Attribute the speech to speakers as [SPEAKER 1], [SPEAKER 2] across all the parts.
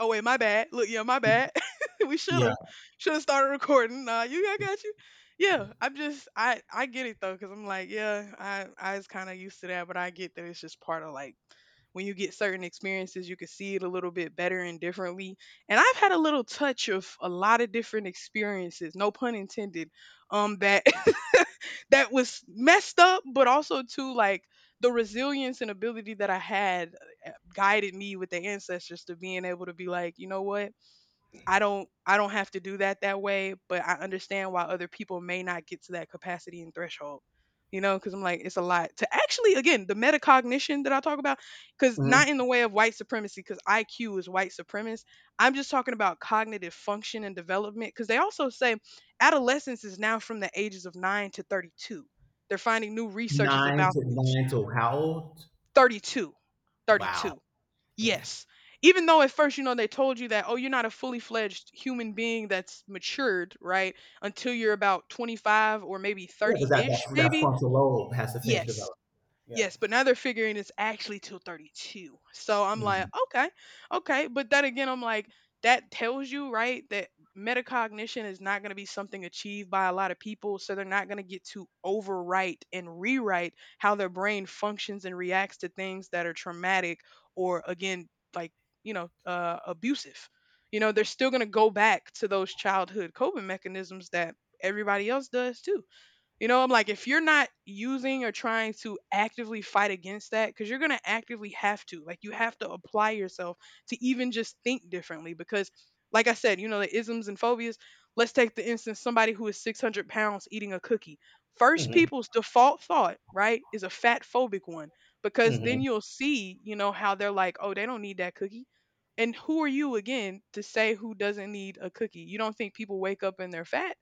[SPEAKER 1] Oh wait, my bad. Look, yeah, my bad. we
[SPEAKER 2] Yeah.
[SPEAKER 1] shoulda shoulda started recording. Nah, you, I got you. Yeah, I'm just, I get it though, cause I'm like, yeah, I was kind of used to that, but I get that it's just part of like when you get certain experiences, you can see it a little bit better and differently. And I've had a little touch of a lot of different experiences, no pun intended, that that was messed up, but also too like the resilience and ability that I had guided me with the ancestors to being able to be like, you know what? I don't have to do that that way, but I understand why other people may not get to that capacity and threshold. You know, because I'm like, it's a lot to actually, again, the metacognition that I talk about, because
[SPEAKER 2] Mhm.
[SPEAKER 1] not in the way of white supremacy, because IQ is white supremacist. I'm just talking about cognitive function and development, because they also say adolescence is now from the ages of 9 to 32. They're finding new researches
[SPEAKER 2] 9
[SPEAKER 1] about
[SPEAKER 2] to
[SPEAKER 1] this.
[SPEAKER 2] 9 to how old?
[SPEAKER 1] 32.
[SPEAKER 2] Wow.
[SPEAKER 1] 32.
[SPEAKER 2] Mm.
[SPEAKER 1] Yes. Even though at first, you know, they told you that, oh, you're not a fully fledged human being that's matured, right? Until you're about 25 or maybe
[SPEAKER 2] Yeah,
[SPEAKER 1] 30
[SPEAKER 2] because that
[SPEAKER 1] ish,
[SPEAKER 2] that that
[SPEAKER 1] maybe.
[SPEAKER 2] frontal lobe has to finish
[SPEAKER 1] Yes.
[SPEAKER 2] developing. Yeah.
[SPEAKER 1] Yes, but now they're figuring it's actually till 32. So I'm like,
[SPEAKER 2] Mm.
[SPEAKER 1] okay, okay. But then again, I'm like, that tells you, right, that metacognition is not going to be something achieved by a lot of people. So they're not going to get to overwrite and rewrite how their brain functions and reacts to things that are traumatic or, again, like, you know, abusive. You know, they're still going to go back to those childhood coping mechanisms that everybody else does too. You know, I'm like, if you're not using or trying to actively fight against that, because you're going to actively have to, like, you have to apply yourself to even just think differently. Because, like I said, you know, the isms and phobias. Let's take the instance somebody who is 600 pounds eating a cookie. First
[SPEAKER 2] Mhm.
[SPEAKER 1] people's default thought, right, is a fat phobic one, because then
[SPEAKER 2] Mhm.
[SPEAKER 1] you'll see, you know, how they're like, oh, they don't need that cookie. And who are you again to say who doesn't need a cookie? You don't think people wake up and they're fat?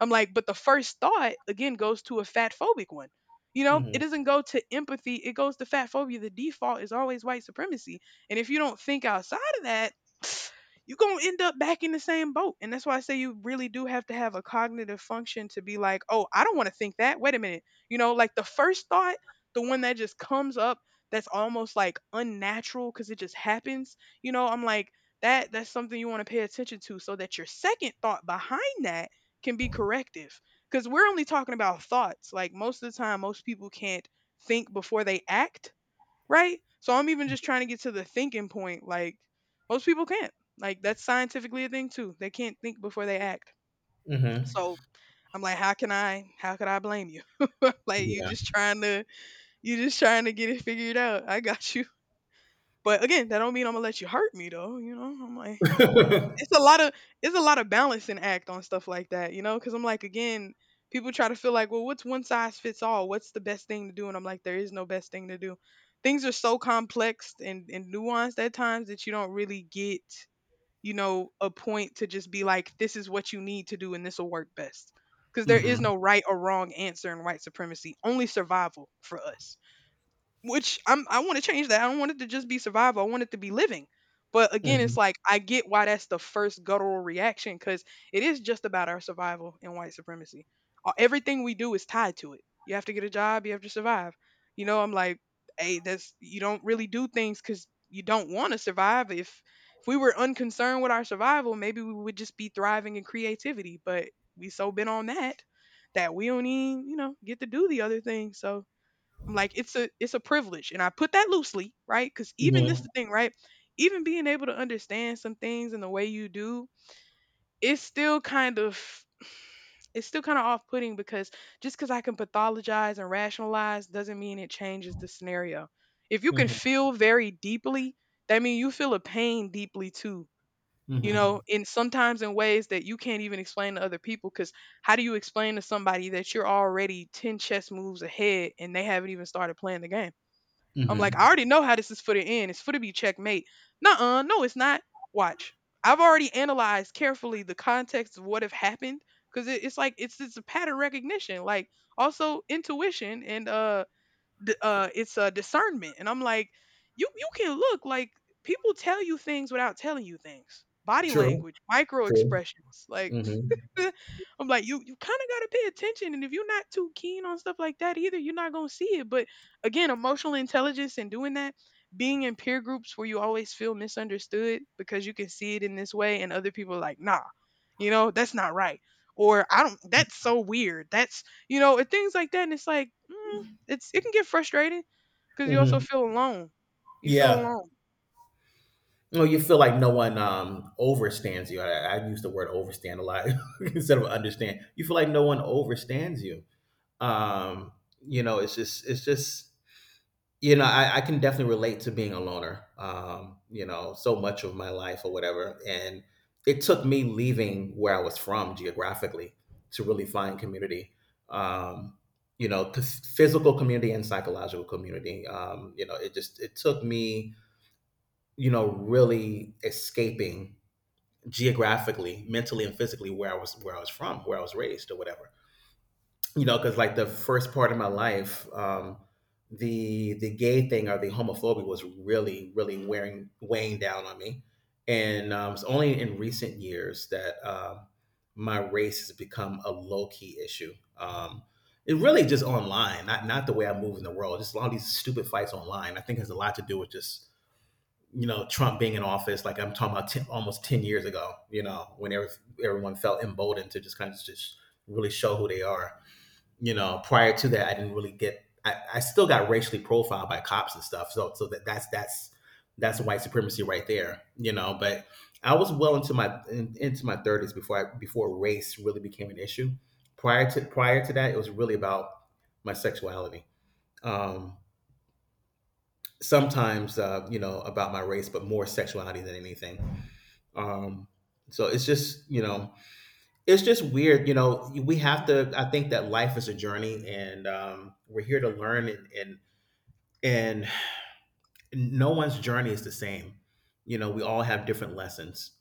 [SPEAKER 1] I'm like, but the first thought again goes to a fat phobic one. You know, it
[SPEAKER 2] Mhm.
[SPEAKER 1] doesn't go to empathy, it goes to fat phobia. The default is always white supremacy. And if you don't think outside of that, you're going to end up back in the same boat. And that's why I say you really do have to have a cognitive function to be like, oh, I don't want to think that. Wait a minute. You know, like the first thought, the one that just comes up that's almost like unnatural because it just happens. You know, I'm like, that's something you want to pay attention to so that your second thought behind that can be corrective because we're only talking about thoughts. Like most of the time, most people can't think before they act, right? So I'm even just trying to get to the thinking point. Like most people can't. Like that's scientifically a thing too. They can't think before they act.
[SPEAKER 2] Mm. Mhm.
[SPEAKER 1] So I'm like, how can I? How could I blame you? like you
[SPEAKER 2] Yeah.
[SPEAKER 1] just trying to, you just trying to get it figured out. I got you. But again, that don't mean I'm gonna let you hurt me though. You know, I'm like, it's a lot of it's a lot of balancing act on stuff like that, you know? Because I'm like, again, people try to feel like, well, what's one size fits all? What's the best thing to do? And I'm like, there is no best thing to do. Things are so complex and nuanced at times that you don't really get, you know, a point to just be like, this is what you need to do and this will work best. Because there is
[SPEAKER 2] Mhm.
[SPEAKER 1] no right or wrong answer in white supremacy, only survival for us which I want to change that. I don't want it to just be survival. I want it to be living. But again, it's
[SPEAKER 2] Mhm.
[SPEAKER 1] like I get why that's the first guttural reaction because it is just about our survival and white supremacy. Everything we do is tied to it. You have to get a job. You have to survive. You know, I'm like, hey, that's you don't really do things because you don't want to survive. If we were unconcerned with our survival, maybe we would just be thriving in creativity. But we so been on that that we don't even you know get to do the other thing. So I'm like, it's a privilege, and I put that loosely, right? Because even this
[SPEAKER 2] Mhm.
[SPEAKER 1] the thing, right? Even being able to understand some things in the way you do, it's still kind of it's still kind of off putting because just because I can pathologize and rationalize doesn't mean it changes the scenario. If you can
[SPEAKER 2] Mhm.
[SPEAKER 1] feel very deeply, that means you feel a pain deeply too. You
[SPEAKER 2] Mhm.
[SPEAKER 1] know, and sometimes in ways that you can't even explain to other people. Because how do you explain to somebody that you're already 10 chess moves ahead and they haven't even started playing the game? I'm like, I
[SPEAKER 2] Mhm.
[SPEAKER 1] already know how this is for the end. It's for to be checkmate. Nuh-uh, no, it's not. Watch. I've already analyzed carefully the context of what have happened because it's it's a pattern recognition, like also intuition and it's discernment. And I'm like, you can look like people tell you things without telling you things. Body
[SPEAKER 2] True.
[SPEAKER 1] language, micro
[SPEAKER 2] True.
[SPEAKER 1] expressions, like
[SPEAKER 2] Mm. Mhm.
[SPEAKER 1] I'm like, you kind of gotta pay attention, and if you're not too keen on stuff like that either, you're not gonna see it. But again, emotional intelligence and doing that, being in peer groups where you always feel misunderstood because you can see it in this way, and other people are like, nah, you know, that's not right, or I don't, that's so weird, that's you know, and things like that, and it's like, mm, it's it can get frustrating because
[SPEAKER 2] Mm.
[SPEAKER 1] you also
[SPEAKER 2] Mhm.
[SPEAKER 1] feel alone. You feel
[SPEAKER 2] Yeah.
[SPEAKER 1] alone.
[SPEAKER 2] Well, you feel like no one, overstands you. I use the word overstand a lot instead of understand. You feel like no one overstands you. Um, it's just it's just. You know, I can definitely relate to being a loner, you know, so much of my life or whatever, and it took me leaving where I was from geographically to really find community, um you know, physical community and psychological community. You know, it just it took me, you know, really escaping geographically, mentally, and physically where I was, where I was from, where I was raised or whatever. You know, because like the first part of my life, the gay thing or the homophobia was really, really wearing weighing down on me. And it's only in recent years that, my race has become a low key issue. It really just online, not the way I move in the world. Just a lot of these stupid fights online. I think it has a lot to do with just, you know, Trump being in office. Like I'm talking about 10, almost 10 years ago. You know, when everyone felt emboldened to just kind of just really show who they are. You know, prior to that, I didn't really get. I still got racially profiled by cops and stuff. So, that that's that's white supremacy right there, you know. But I was well into into my thirties before race really became an issue. Prior to that, it was really about my sexuality. Um, sometimes, you know, about my race, but more sexuality than anything. Um, so it's just, you know, it's just weird. You know, we have to, I think that life is a journey, and we're here to learn and no one's journey is the same. You know, we all have different lessons.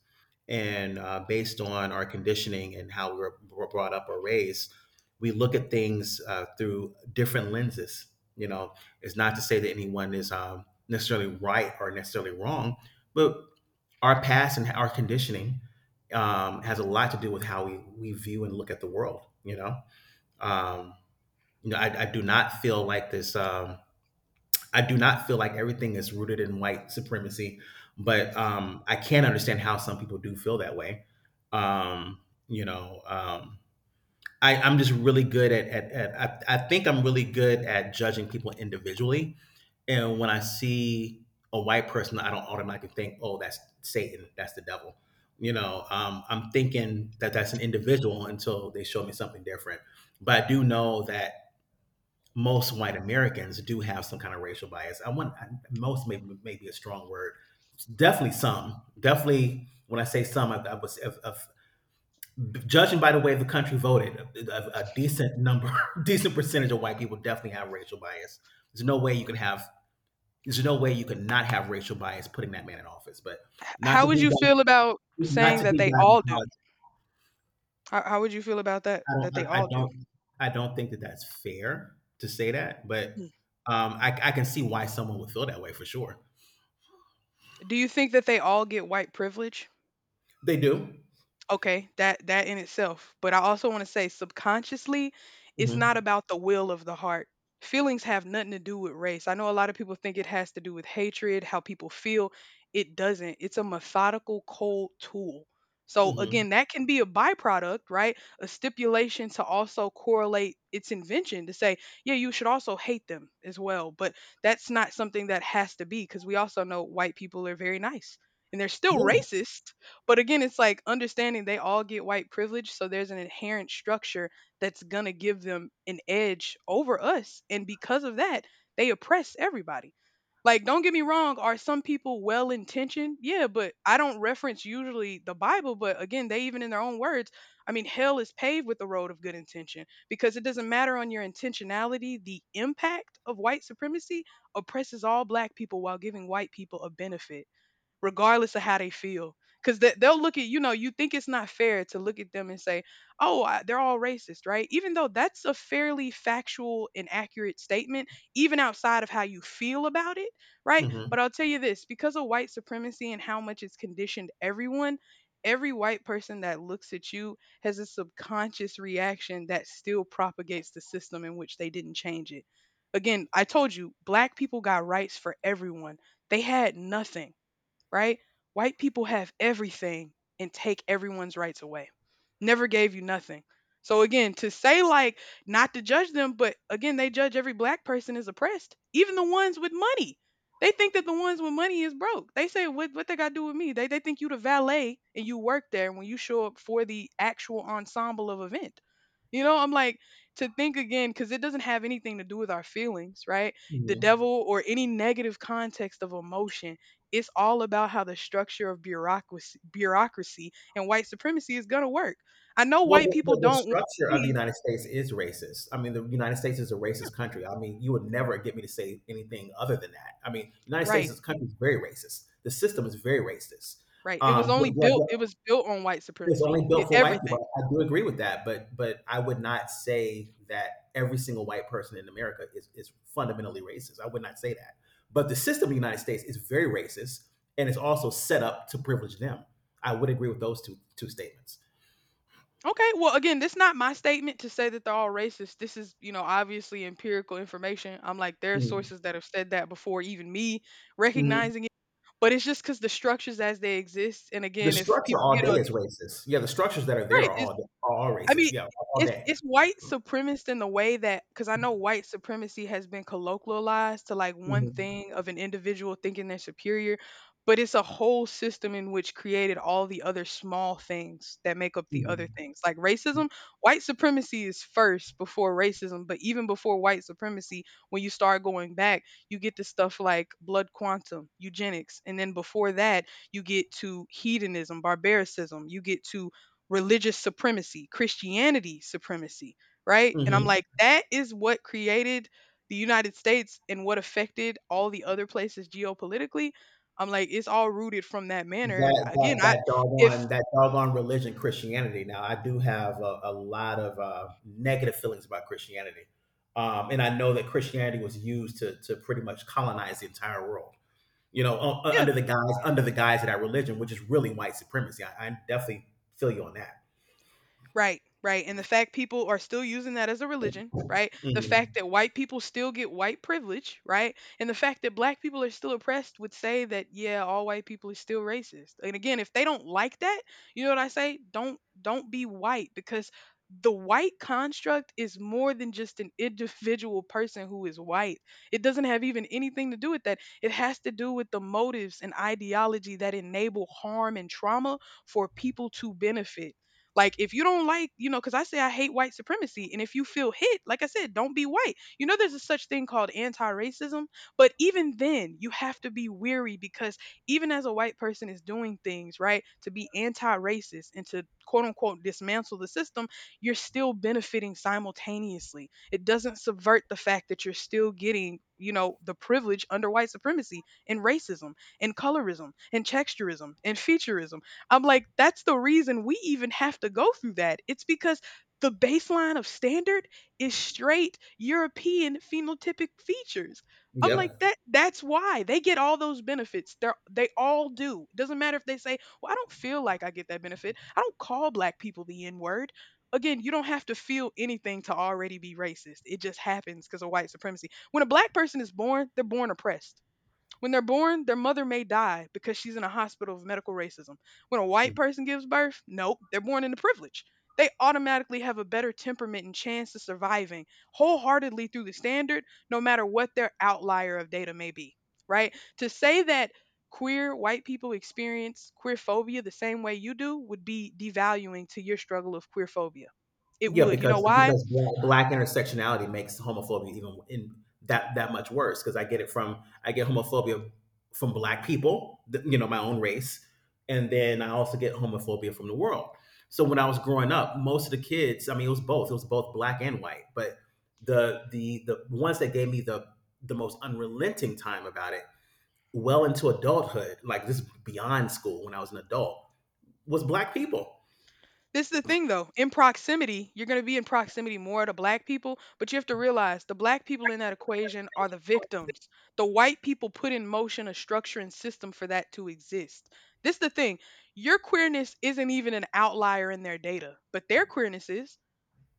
[SPEAKER 2] And, based on our conditioning and how we were brought up or raised, we look at things, through different lenses. You know, it's not to say that anyone is, necessarily right or necessarily wrong, but our past and our conditioning, has a lot to do with how we view and look at the world. Um, you know, I do not feel like this. I do not feel like everything is rooted in white supremacy, but, I can understand how some people do feel that way. Um, you know, I'm just really good at, I think I'm really good at judging people individually. And when I see a white person, I don't automatically think, oh, that's Satan, that's the devil. You know, I'm thinking that that's an individual until they show me something different. But I do know that most white Americans do have some kind of racial bias. Most may maybe a strong word. Definitely some. Definitely when I say some, I was of judging by the way the country voted, a decent number, decent percentage of white people definitely have racial bias. There's no way you can have. There's no way you could not have racial bias putting that man in office. But not
[SPEAKER 1] How
[SPEAKER 2] to
[SPEAKER 1] would
[SPEAKER 2] be
[SPEAKER 1] you feel about
[SPEAKER 2] not
[SPEAKER 1] saying
[SPEAKER 2] to
[SPEAKER 1] that
[SPEAKER 2] be
[SPEAKER 1] they
[SPEAKER 2] bad in
[SPEAKER 1] all do?
[SPEAKER 2] politics.
[SPEAKER 1] How would you feel about that?
[SPEAKER 2] I don't.
[SPEAKER 1] That they
[SPEAKER 2] I
[SPEAKER 1] all do?
[SPEAKER 2] don't. I don't think that that's fair to say that. But, I can see why someone would feel that way for sure.
[SPEAKER 1] Do you think that they all get white privilege?
[SPEAKER 2] They do.
[SPEAKER 1] Okay, that in itself. But I also want to say subconsciously, it's not
[SPEAKER 2] Mhm.
[SPEAKER 1] about the will of the heart. Feelings have nothing to do with race. I know a lot of people think it has to do with hatred, how people feel. It doesn't. It's a methodical cold tool. So
[SPEAKER 2] Mhm.
[SPEAKER 1] again, that can be a byproduct, right? A stipulation to also correlate its invention to say, yeah, you should also hate them as well. But that's not something that has to be because we also know white people are very nice and they're still
[SPEAKER 2] Yeah.
[SPEAKER 1] racist, but again, it's like understanding they all get white privilege, so there's an inherent structure that's going to give them an edge over us. And because of that, they oppress everybody. Like, don't get me wrong, are some people well intentioned? Yeah, but I don't reference usually the Bible, but again, they even in their own words, I mean, hell is paved with the road of good intention because it doesn't matter on your intentionality, the impact of white supremacy oppresses all black people while giving white people a benefit regardless of how they feel. Because they'll look at, you know, you think it's not fair to look at them and say, oh, they're all racist, right? Even though that's a fairly factual and accurate statement, even outside of how you feel about it, right?
[SPEAKER 2] Mhm.
[SPEAKER 1] But I'll tell you this because of white supremacy and how much it's conditioned everyone, every white person that looks at you has a subconscious reaction that still propagates the system in which they didn't change it. Again, I told you, black people got rights for everyone. They had nothing, right? White people have everything and take everyone's rights away. Never gave you nothing. So again, to say like not to judge them, but again, they judge every black person as oppressed, even the ones with money. They think that the ones with money is broke. They say what they got to do with me? They think you the valet and you work there when you show up for the actual ensemble of event. You know, I'm like to think again, cuz it doesn't have anything to do with our feelings, right? The
[SPEAKER 2] Mhm.
[SPEAKER 1] devil or any negative context of emotion, it's all about how the structure of bureaucracy and white supremacy is going to work. I know
[SPEAKER 2] Well,
[SPEAKER 1] white people
[SPEAKER 2] the
[SPEAKER 1] don't want to
[SPEAKER 2] structure of the
[SPEAKER 1] be
[SPEAKER 2] United States is racist. I mean, the United States is a racist country. I mean, you would never get me to say anything other than that. I mean, United States
[SPEAKER 1] right,
[SPEAKER 2] as a country is very racist. The system is very racist.
[SPEAKER 1] right. It was only
[SPEAKER 2] Do I.
[SPEAKER 1] built, it was built on white
[SPEAKER 2] It's
[SPEAKER 1] supremacy.
[SPEAKER 2] only
[SPEAKER 1] It
[SPEAKER 2] built for white people.
[SPEAKER 1] everything.
[SPEAKER 2] I do agree with that, but I would not say that every single white person in America is fundamentally racist. I would not say that. But the system in the United States is very racist, and it's also set up to privilege them. I would agree with those two statements.
[SPEAKER 1] Okay, well again, this not my statement to say that they're all racist. This is, you know, obviously empirical information. I'm like there are
[SPEAKER 2] Mm.
[SPEAKER 1] sources that have said that before even me
[SPEAKER 2] Mm.
[SPEAKER 1] recognizing it, but it's just cuz the structures as they exist and
[SPEAKER 2] The
[SPEAKER 1] again, if
[SPEAKER 2] structure
[SPEAKER 1] people
[SPEAKER 2] all
[SPEAKER 1] get on
[SPEAKER 2] day is racist. Yeah, the structures that are there
[SPEAKER 1] right, it's
[SPEAKER 2] are all
[SPEAKER 1] I
[SPEAKER 2] racist.
[SPEAKER 1] mean,
[SPEAKER 2] Yeah, all
[SPEAKER 1] it's
[SPEAKER 2] day.
[SPEAKER 1] white supremacist in the way that because I know white supremacy has been colloquialized to like one
[SPEAKER 2] Mhm.
[SPEAKER 1] thing of an individual thinking they're superior, but it's a whole system in which created all the other small things that make up the other
[SPEAKER 2] Mhm.
[SPEAKER 1] things. Like racism, white supremacy is first before racism, but even before white supremacy, when you start going back, you get to stuff like blood quantum, eugenics, and then before that, you get to hedonism, barbaricism, you get to religious supremacy, Christianity supremacy, right? And I'm
[SPEAKER 2] Mhm.
[SPEAKER 1] like, that is what created the United States and what affected all the other places geopolitically. I'm like, it's all rooted from that manner. And
[SPEAKER 2] that
[SPEAKER 1] again,
[SPEAKER 2] that
[SPEAKER 1] I,
[SPEAKER 2] that
[SPEAKER 1] if,
[SPEAKER 2] doggone that doggone religion Christianity. Now I do have a lot of, negative feelings about Christianity, and I know that Christianity was used to pretty much colonize the entire world. You know,
[SPEAKER 1] yeah,
[SPEAKER 2] under the guise of that religion, which is really white supremacy. I definitely feel you on that.
[SPEAKER 1] right, right. And the fact people are still using that as a religion, right? The fact
[SPEAKER 2] Mhm.
[SPEAKER 1] that white people still get white privilege, right? And the fact that black people are still oppressed would say that yeah, all white people are still racist. And again, if they don't like that, you know what I say? Don't be white because the white construct is more than just an individual person who is white. It doesn't have even anything to do with that. It has to do with the motives and ideology that enable harm and trauma for people to benefit like if you don't like, you know, because I say I hate white supremacy, and if you feel hit, like I said, don't be white. You know, there's a such thing called anti-racism, but even then, you have to be weary because even as a white person is doing things right to be anti-racist and to quote unquote dismantle the system, you're still benefiting simultaneously. It doesn't subvert the fact that you're still getting, you know, the privilege under white supremacy and racism and colorism and texturism and featureism. I'm like, that's the reason we even have to go through that. It's because the baseline of standard is straight European phenotypic features. I'm like
[SPEAKER 2] Yep.
[SPEAKER 1] that's why they get all those benefits. They all do. Doesn't matter if they say, "Well, I don't feel like I get that benefit. I don't call black people the n-word." Again, you don't have to feel anything to already be racist. It just happens because of white supremacy. When a black person is born, they're born oppressed. When they're born, their mother may die because she's in a hospital of medical racism. When a white person gives birth, nope, they're born into privilege. They automatically have a better temperament and chance of surviving wholeheartedly through the standard, no matter what their outlier of data may be, right? To say that queer white people experience queer phobia the same way you do would be devaluing to your struggle of queer phobia. It
[SPEAKER 2] Yeah,
[SPEAKER 1] would. You know why?
[SPEAKER 2] because black, black intersectionality makes homophobia even in that that much worse. Because I get homophobia from black people, you know, my own race, and then I also get homophobia from the world. So when I was growing up, most of the kids, I mean, it was both. It was both black and white. But the ones that gave me the most unrelenting time about it, well into adulthood, like this beyond school when I was an adult, was black people.
[SPEAKER 1] This is the thing though. In proximity, you're going to be in proximity more to black people, but you have to realize the black people in that equation are the victims. The white people put in motion a structure and system for that to exist. This is the thing. Your queerness isn't even an outlier in their data, but their queerness is.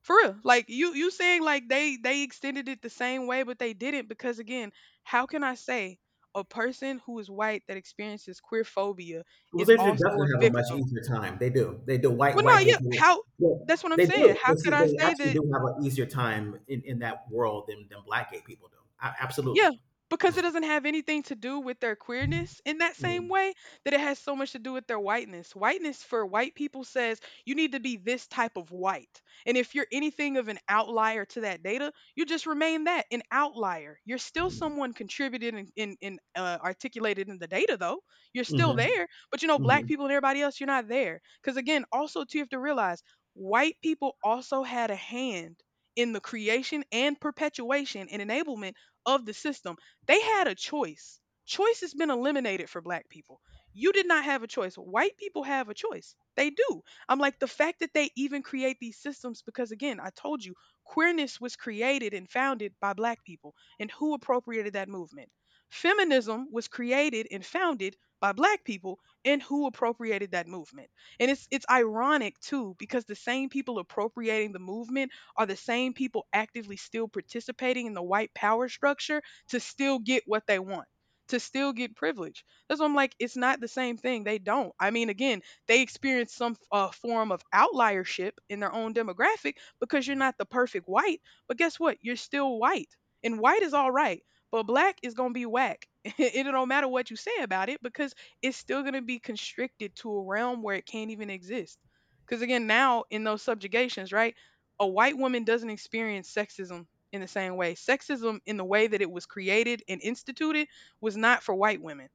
[SPEAKER 1] For real. Like you saying like they extended it the same way but they didn't because again, how can I say a person who is white that experiences queer phobia
[SPEAKER 2] Well,
[SPEAKER 1] is
[SPEAKER 2] they should
[SPEAKER 1] also
[SPEAKER 2] definitely
[SPEAKER 1] a
[SPEAKER 2] have a much
[SPEAKER 1] victim?
[SPEAKER 2] easier time. They do. They do. White
[SPEAKER 1] Well, no,
[SPEAKER 2] white gay
[SPEAKER 1] yeah.
[SPEAKER 2] people.
[SPEAKER 1] How?
[SPEAKER 2] Yeah,
[SPEAKER 1] That's what I'm
[SPEAKER 2] they
[SPEAKER 1] saying.
[SPEAKER 2] do.
[SPEAKER 1] How could I
[SPEAKER 2] They
[SPEAKER 1] say
[SPEAKER 2] actually
[SPEAKER 1] that?
[SPEAKER 2] do have an easier time in that world than black gay people do.
[SPEAKER 1] Yeah,
[SPEAKER 2] Absolutely.
[SPEAKER 1] because it doesn't have anything to do with their queerness in that same
[SPEAKER 2] Hmm.
[SPEAKER 1] way that it has so much to do with their whiteness. Whiteness for white people says you need to be this type of white. And if you're anything of an outlier to that data, you just remain that an outlier. You're still someone contributed and articulated in the data, though. You're still
[SPEAKER 2] Hmm.
[SPEAKER 1] there. But you know, black people and everybody else, you're not there. Because again, also, too, you have to realize white people also had a hand in the creation and perpetuation and enablement of the system, they had a choice. Choice has been eliminated for black people. You did not have a choice. White people have a choice. They do. I'm like, the fact that they even create these systems, because again, I told you, queerness was created and founded by black people. And who appropriated that movement? Feminism was created and founded by black people and who appropriated that movement. And it's ironic too because the same people appropriating the movement are the same people actively still participating in the white power structure to still get what they want. To still get privilege. That's why I'm like, it's not the same thing. They don't. I mean, again, they experience some form of outliership in their own demographic because you're not the perfect white. But guess what? You're still white. And white is all right, but black is going to be whack. It don't matter what you say about it because it's still going to be constricted to a realm where it can't even exist. Because again, now in those subjugations, right? A white woman doesn't experience sexism in the same way. Sexism, in the way that it was created and instituted, was not for white women.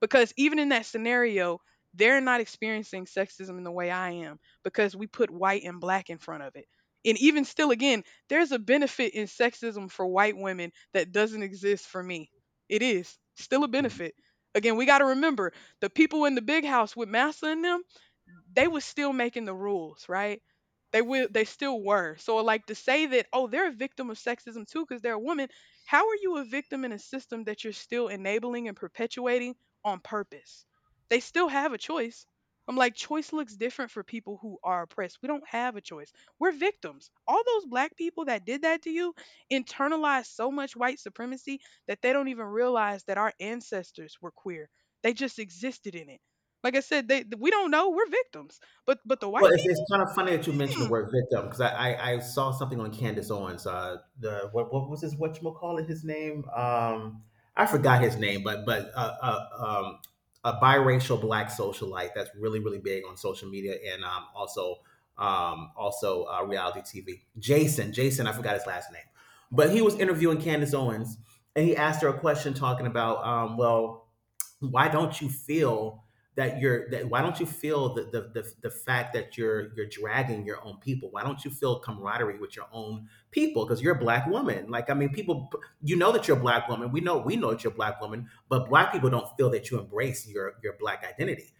[SPEAKER 1] Because even in that scenario, they're not experiencing sexism in the way I am because we put white and black in front of it. And even still, again, there's a benefit in sexism for white women that doesn't exist for me. It is still a
[SPEAKER 2] Hmm.
[SPEAKER 1] benefit. Again, we got to remember the people in the big house with Massa and them, they was still making the rules, right? They still were. So like to say that, oh, they're a victim of sexism too, because they're a woman, how are you a victim in a system that you're still enabling and perpetuating on purpose? They still have a choice. I'm like, choice looks different for people who are oppressed. We don't have a choice. We're victims. All those black people that did that to you internalized so much white supremacy that they don't even realize that our ancestors were queer. They just existed in it. Like I said, they we don't know. We're victims. But the white
[SPEAKER 2] Well, it's
[SPEAKER 1] people
[SPEAKER 2] kind of funny that you mentioned the
[SPEAKER 1] hmm,
[SPEAKER 2] word victim because I saw something on Candace Owens. The what was his what you call it? His name? I forgot his name, but a biracial black socialite that's really really big on social media, and, also reality TV. Jason, I forgot his last name, but he was interviewing Candace Owens and he asked her a question talking about, well, why don't you feel that you're that why don't you feel the fact that you're dragging your own people, why don't you feel camaraderie with your own people because you're a black woman? Like I mean people, you know, that you're a black woman, we know that you're a black woman, but black people don't feel that you embrace your black identity.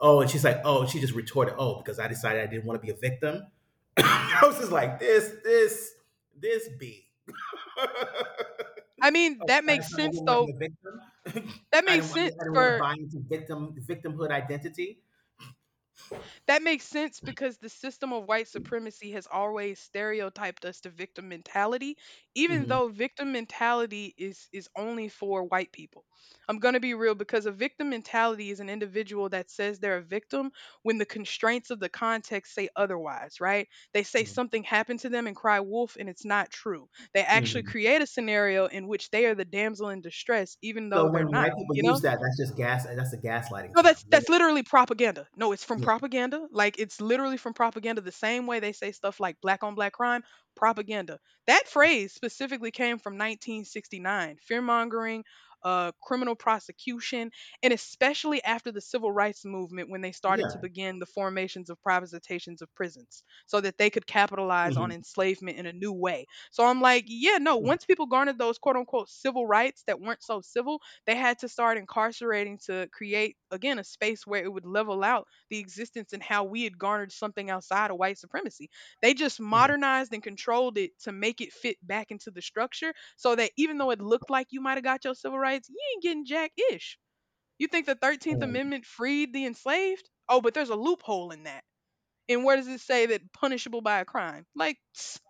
[SPEAKER 2] Oh, and she's like, oh, she just retorted, oh, because I decided I didn't want to be a victim. I was just like, this b
[SPEAKER 1] I mean,
[SPEAKER 2] Oh,
[SPEAKER 1] that
[SPEAKER 2] I
[SPEAKER 1] makes
[SPEAKER 2] decided I
[SPEAKER 1] sense
[SPEAKER 2] didn't want to be
[SPEAKER 1] though.
[SPEAKER 2] a victim.
[SPEAKER 1] That
[SPEAKER 2] I
[SPEAKER 1] makes
[SPEAKER 2] don't.
[SPEAKER 1] sense
[SPEAKER 2] I don't want to
[SPEAKER 1] for
[SPEAKER 2] buy into victimhood identity.
[SPEAKER 1] that makes sense because the system of white supremacy has always stereotyped us to victim mentality, even
[SPEAKER 2] Hmm.
[SPEAKER 1] though victim mentality is only for white people. I'm going to be real because a victim mentality is an individual that says they're a victim when the constraints of the context say otherwise, right? They say something happened to them and cry wolf and it's not true. They actually
[SPEAKER 2] Hmm.
[SPEAKER 1] create a scenario in which they are the damsel in distress even though
[SPEAKER 2] So
[SPEAKER 1] they're
[SPEAKER 2] when
[SPEAKER 1] not,
[SPEAKER 2] white people
[SPEAKER 1] you know?
[SPEAKER 2] use that, that's just gas. That's a gaslighting
[SPEAKER 1] No,
[SPEAKER 2] term.
[SPEAKER 1] that's
[SPEAKER 2] When
[SPEAKER 1] that's literally propaganda. No, it's from
[SPEAKER 2] yeah,
[SPEAKER 1] propaganda. Like it's literally from propaganda. The same way they say stuff like black on black crime, propaganda. That phrase specifically came from 1969, fear mongering, criminal prosecution, and especially after the civil rights movement when they started to
[SPEAKER 2] yeah,
[SPEAKER 1] begin the formations of privatizations of prisons so that they could capitalize on
[SPEAKER 2] hmm,
[SPEAKER 1] enslavement in a new way. So I'm like, yeah, no. Once people garnered those quote unquote civil rights that weren't so civil, they had to start incarcerating to create, again, a space where it would level out the existence and how we had garnered something outside of white supremacy. They just
[SPEAKER 2] hmm,
[SPEAKER 1] modernized and controlled it to make it fit back into the structure so that even though it looked like you might have got your civil rights, you ain't getting jack ish. You think the 13th Amendment freed the enslaved? Oh, but there's a loophole in that. And where does it say that punishable by a crime? Like, tss,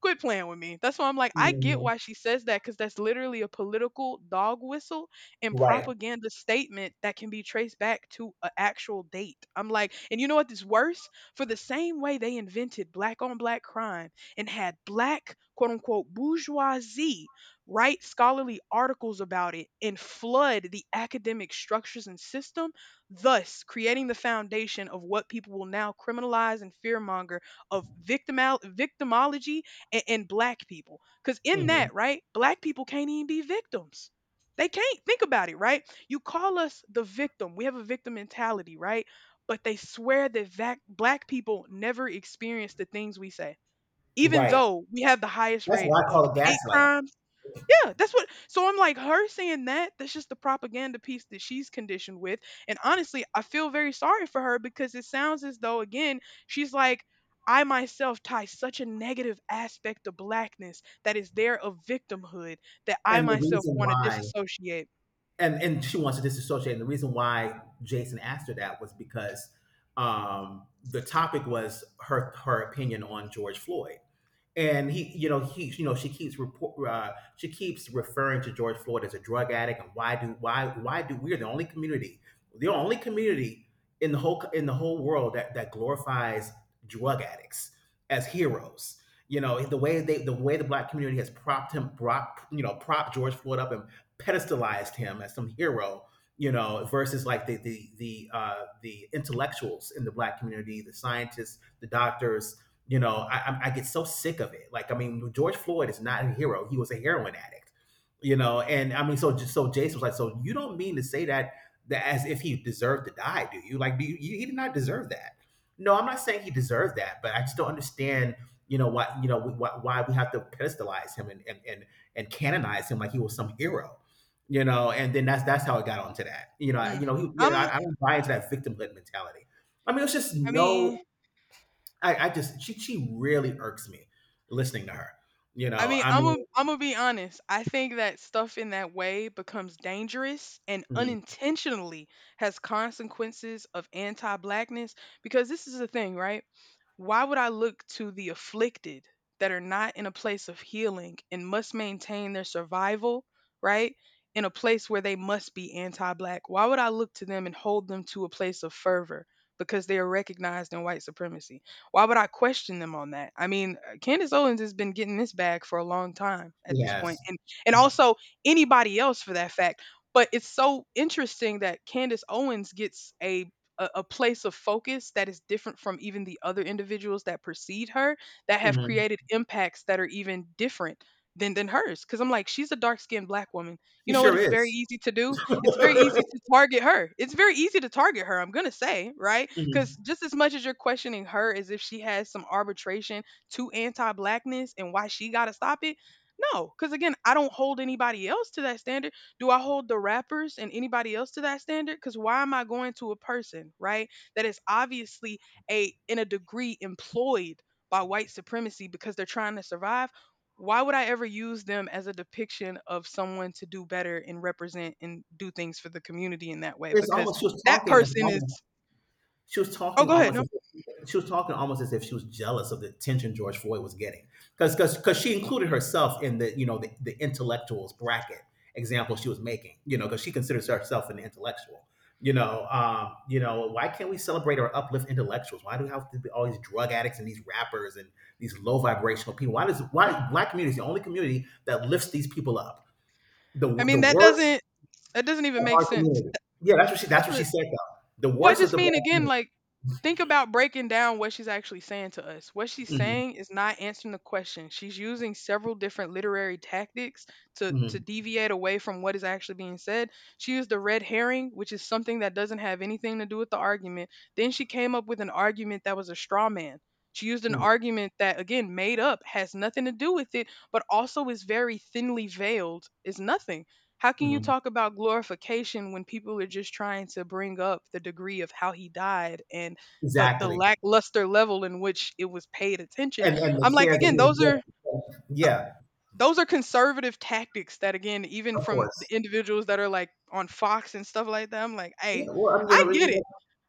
[SPEAKER 1] quit playing with me. That's why I'm like, I get
[SPEAKER 2] hmm,
[SPEAKER 1] why she says that because that's literally a political dog whistle and
[SPEAKER 2] right,
[SPEAKER 1] propaganda statement that can be traced back to an actual date. I'm like, and you know what is worse? For the same way they invented black on black crime and had black, quote unquote, bourgeoisie write scholarly articles about it and flood the academic structures and system thus creating the foundation of what people will now criminalize and fearmonger of victimology and black people. Because in
[SPEAKER 2] hmm,
[SPEAKER 1] that, right, black people can't even be victims. They can't think about it, right? You call us the victim. We have a victim mentality, right? But they swear that black people never experience the things we say, even
[SPEAKER 2] right.
[SPEAKER 1] though we have the highest
[SPEAKER 2] That's
[SPEAKER 1] rate
[SPEAKER 2] why I
[SPEAKER 1] of
[SPEAKER 2] call it
[SPEAKER 1] hate
[SPEAKER 2] gaslighting.
[SPEAKER 1] crimes. Yeah, that's what. So I'm like, her saying that, that's just the propaganda piece that she's conditioned with. And honestly, I feel very sorry for her because it sounds as though, again, she's like, I myself tie such a negative aspect of blackness that is there of victimhood that I
[SPEAKER 2] And the
[SPEAKER 1] myself
[SPEAKER 2] reason
[SPEAKER 1] want to
[SPEAKER 2] why,
[SPEAKER 1] disassociate.
[SPEAKER 2] and she wants to disassociate. And the reason why Jason asked her that was because, the topic was her opinion on George Floyd, and he you know she keeps report she keeps referring to George Floyd as a drug addict. And why do we're the only community, the only community in the whole world that that glorifies drug addicts as heroes. You know, the way they, the way the black community has propped him brought you know, propped George Floyd up and pedestalized him as some hero, you know, versus like uh, the intellectuals in the black community, the scientists, the doctors. You know, I get so sick of it. Like, I mean, George Floyd is not a hero. He was a heroin addict. You know, and I mean, so Jason was like, so you don't mean to say that as if he deserved to die, do you? Like, he did not deserve that. No, I'm not saying he deserved that, but I just don't understand. You know why? You know why we have to pedestalize him, and canonize him like he was some hero. You know, and then that's how it got onto that. You know, you
[SPEAKER 1] Mm.
[SPEAKER 2] know, you know,
[SPEAKER 1] I'm,
[SPEAKER 2] I don't buy into that victimhood mentality. I mean, it's just
[SPEAKER 1] I mean,
[SPEAKER 2] no. I just she really irks me listening to her. You know, I
[SPEAKER 1] I'm
[SPEAKER 2] mean,
[SPEAKER 1] I'm gonna be honest. I think that stuff in that way becomes dangerous and
[SPEAKER 2] mhm,
[SPEAKER 1] unintentionally has consequences of anti-blackness because this is the thing, right? Why would I look to the afflicted that are not in a place of healing and must maintain their survival, right? In a place where they must be anti-black. Why would I look to them and hold them to a place of fervor because they are recognized in white supremacy? Why would I question them on that? I mean, Candace Owens has been getting this bag for a long time at this
[SPEAKER 2] yes,
[SPEAKER 1] point, and also anybody else for that fact. But it's so interesting that Candace Owens gets a place of focus that is different from even the other individuals that precede her that have
[SPEAKER 2] mhm.
[SPEAKER 1] created impacts that are even different than hers. Because I'm like, she's a dark skinned black woman. You
[SPEAKER 2] She
[SPEAKER 1] know what?
[SPEAKER 2] sure
[SPEAKER 1] It's very
[SPEAKER 2] is.
[SPEAKER 1] easy to do it's very easy to target her. It's very easy to target her, I'm going to say, right? Because
[SPEAKER 2] Mhm.
[SPEAKER 1] just as much as you're questioning her as if she has some arbitration to anti blackness and why she got to stop it. No, because again, I don't hold anybody else to that standard. Do I hold the rappers and anybody else to that standard? Because why am I going to a person, right, that is obviously a in a degree employed by white supremacy because they're trying to survive? Why would I ever use them as a depiction of someone to do better and represent and do things for the community in that way?
[SPEAKER 2] It's
[SPEAKER 1] Because
[SPEAKER 2] almost she was
[SPEAKER 1] that
[SPEAKER 2] talking as
[SPEAKER 1] person
[SPEAKER 2] almost
[SPEAKER 1] is oh, go ahead. No,
[SPEAKER 2] She was talking almost as if she was jealous of the attention George Floyd was getting, because she included herself in the the intellectuals bracket example she was making, because she considers herself an intellectual. Why can't we celebrate or uplift intellectuals? Why do we have to be all these drug addicts and these rappers and these low vibrational people? Why black community is the only community that lifts these people up? The
[SPEAKER 1] I mean
[SPEAKER 2] the worst
[SPEAKER 1] that doesn't even
[SPEAKER 2] of
[SPEAKER 1] make
[SPEAKER 2] our
[SPEAKER 1] sense.
[SPEAKER 2] community. Yeah,
[SPEAKER 1] That's
[SPEAKER 2] that's what she
[SPEAKER 1] what.
[SPEAKER 2] said though. The
[SPEAKER 1] Well, I
[SPEAKER 2] worst of
[SPEAKER 1] just
[SPEAKER 2] the
[SPEAKER 1] mean
[SPEAKER 2] black
[SPEAKER 1] again,
[SPEAKER 2] community.
[SPEAKER 1] like think about breaking down what she's actually saying to us. What she's
[SPEAKER 2] Mhm,
[SPEAKER 1] saying is not answering the question. She's using several different literary tactics to
[SPEAKER 2] mhm.
[SPEAKER 1] deviate away from what is actually being said. She used the red herring, which is something that doesn't have anything to do with the argument. Then she came up with an argument that was a straw man. She used an
[SPEAKER 2] Mhm,
[SPEAKER 1] argument that again made up, has nothing to do with it, but also is very thinly veiled, is nothing. How can you
[SPEAKER 2] mhm.
[SPEAKER 1] talk about glorification when people are just trying to bring up the degree of how he died and the
[SPEAKER 2] Exactly,
[SPEAKER 1] lackluster level in which it was paid attention?
[SPEAKER 2] and the
[SPEAKER 1] I'm like,
[SPEAKER 2] care that
[SPEAKER 1] again,
[SPEAKER 2] he
[SPEAKER 1] those
[SPEAKER 2] would
[SPEAKER 1] are
[SPEAKER 2] give.
[SPEAKER 1] th-
[SPEAKER 2] Yeah,
[SPEAKER 1] those are conservative tactics that again, even
[SPEAKER 2] of
[SPEAKER 1] from the
[SPEAKER 2] course.
[SPEAKER 1] individuals that are like on Fox and stuff like that, I'm like,
[SPEAKER 2] Yeah,
[SPEAKER 1] hey,
[SPEAKER 2] well,
[SPEAKER 1] I get it.
[SPEAKER 2] know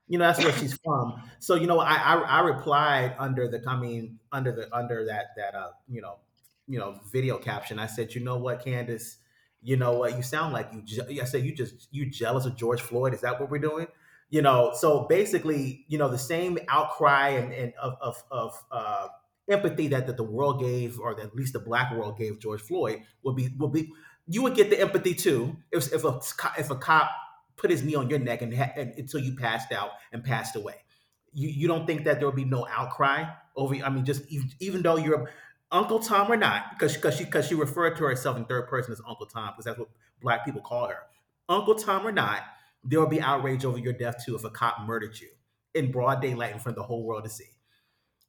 [SPEAKER 2] you know that's where she's from, so I replied under the, I mean, under that video caption. I said, you know what, Candace, you know what you sound like? You I said, you just you jealous of George Floyd? Is that what we're doing? So basically, the same outcry and of empathy that, the world gave, or that at least the black world gave George Floyd, would be you would get the empathy too, if, if a cop put his knee on your neck and until you passed out and passed away. You don't think that there will be no outcry over? I mean, just even, though you're Uncle Tom or not, because she referred to herself in third person as Uncle Tom, because that's what black people call her. Uncle Tom or not, there will be outrage over your death too if a cop murdered you in broad daylight in front of the whole world to see.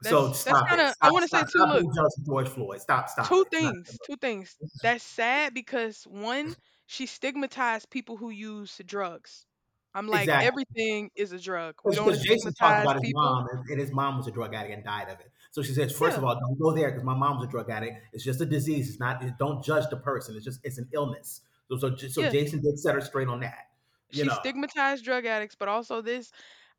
[SPEAKER 2] So
[SPEAKER 1] That's
[SPEAKER 2] stop
[SPEAKER 1] kind
[SPEAKER 2] it.
[SPEAKER 1] of I
[SPEAKER 2] Stop,
[SPEAKER 1] want to
[SPEAKER 2] stop,
[SPEAKER 1] say too.
[SPEAKER 2] stop
[SPEAKER 1] Look,
[SPEAKER 2] being jealous of George Floyd. Stop, stop it. It's not
[SPEAKER 1] two things that's sad because one she stigmatized people who use drugs. I'm like
[SPEAKER 2] exactly.
[SPEAKER 1] everything is a drug, we don't want to
[SPEAKER 2] Because Jason talked
[SPEAKER 1] stigmatize
[SPEAKER 2] about his
[SPEAKER 1] people.
[SPEAKER 2] mom, and his mom was a drug addict and died of it. So she says, first
[SPEAKER 1] Yeah,
[SPEAKER 2] of all, don't go there because my mom was a drug addict. It's just a disease. It's not. Don't judge the person. It's just, it's an illness. So
[SPEAKER 1] yeah,
[SPEAKER 2] Jason did set her straight on that. You
[SPEAKER 1] she
[SPEAKER 2] know,
[SPEAKER 1] stigmatized drug addicts but also this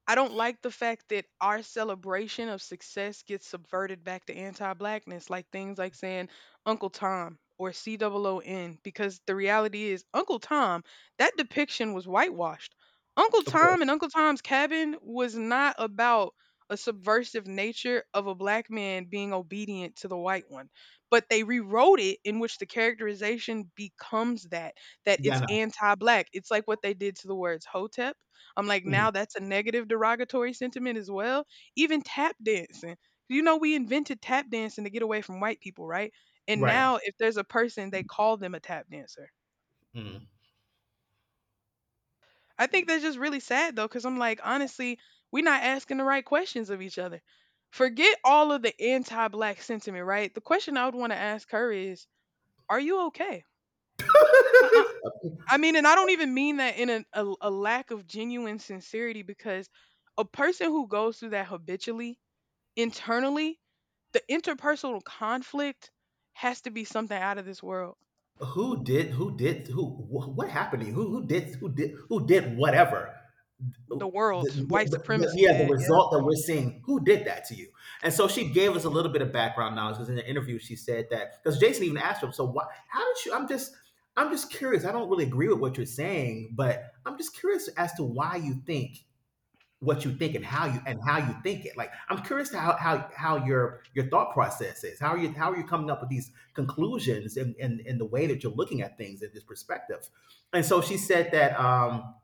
[SPEAKER 1] I don't like the fact that our celebration of success gets subverted back to anti-blackness, like things like saying Uncle Tom or COON, because the reality is Uncle Tom, that depiction was whitewashed. Uncle
[SPEAKER 2] of
[SPEAKER 1] Tom
[SPEAKER 2] course.
[SPEAKER 1] and Uncle Tom's Cabin was not about a subversive nature of a black man being obedient to the white one, but they rewrote it in which the characterization becomes that, that
[SPEAKER 2] Yeah, I
[SPEAKER 1] it's
[SPEAKER 2] know.
[SPEAKER 1] anti-black. It's like what they did to the words Hotep. I'm like,
[SPEAKER 2] Mhm.
[SPEAKER 1] now that's a negative derogatory sentiment as well. Even tap dancing. You know, we invented tap dancing to get away from white people, right? And
[SPEAKER 2] Right.
[SPEAKER 1] now if there's a person, they call them a tap dancer.
[SPEAKER 2] Mhm.
[SPEAKER 1] I think that's just really sad though, because I'm like, honestly, we're not asking the right questions of each other. Forget all of the anti black sentiment, right? The question I would want to ask her is, are you okay? I, I I mean, and I don't even mean that in a, a lack of genuine sincerity because a person who goes through that habitually internally, the interpersonal conflict has to be something out of this world.
[SPEAKER 2] Who did? Who did? Who? What happened to you? Who? Who did? Who did? Who did? Whatever. the,
[SPEAKER 1] The world, white supremacy
[SPEAKER 2] yeah, the
[SPEAKER 1] did. Yeah.
[SPEAKER 2] result that we're seeing, who did that to you? And so she gave us a little bit of background knowledge, because in the interview she said that, because Jason even asked her, so why? How did you? I'm just curious. I don't really agree with what you're saying, but I'm just curious as to why you think what you think and how you think it. Like, I'm curious to how how your thought process is. How are you coming up with these conclusions, and in the way that you're looking at things in this perspective. And so she said that,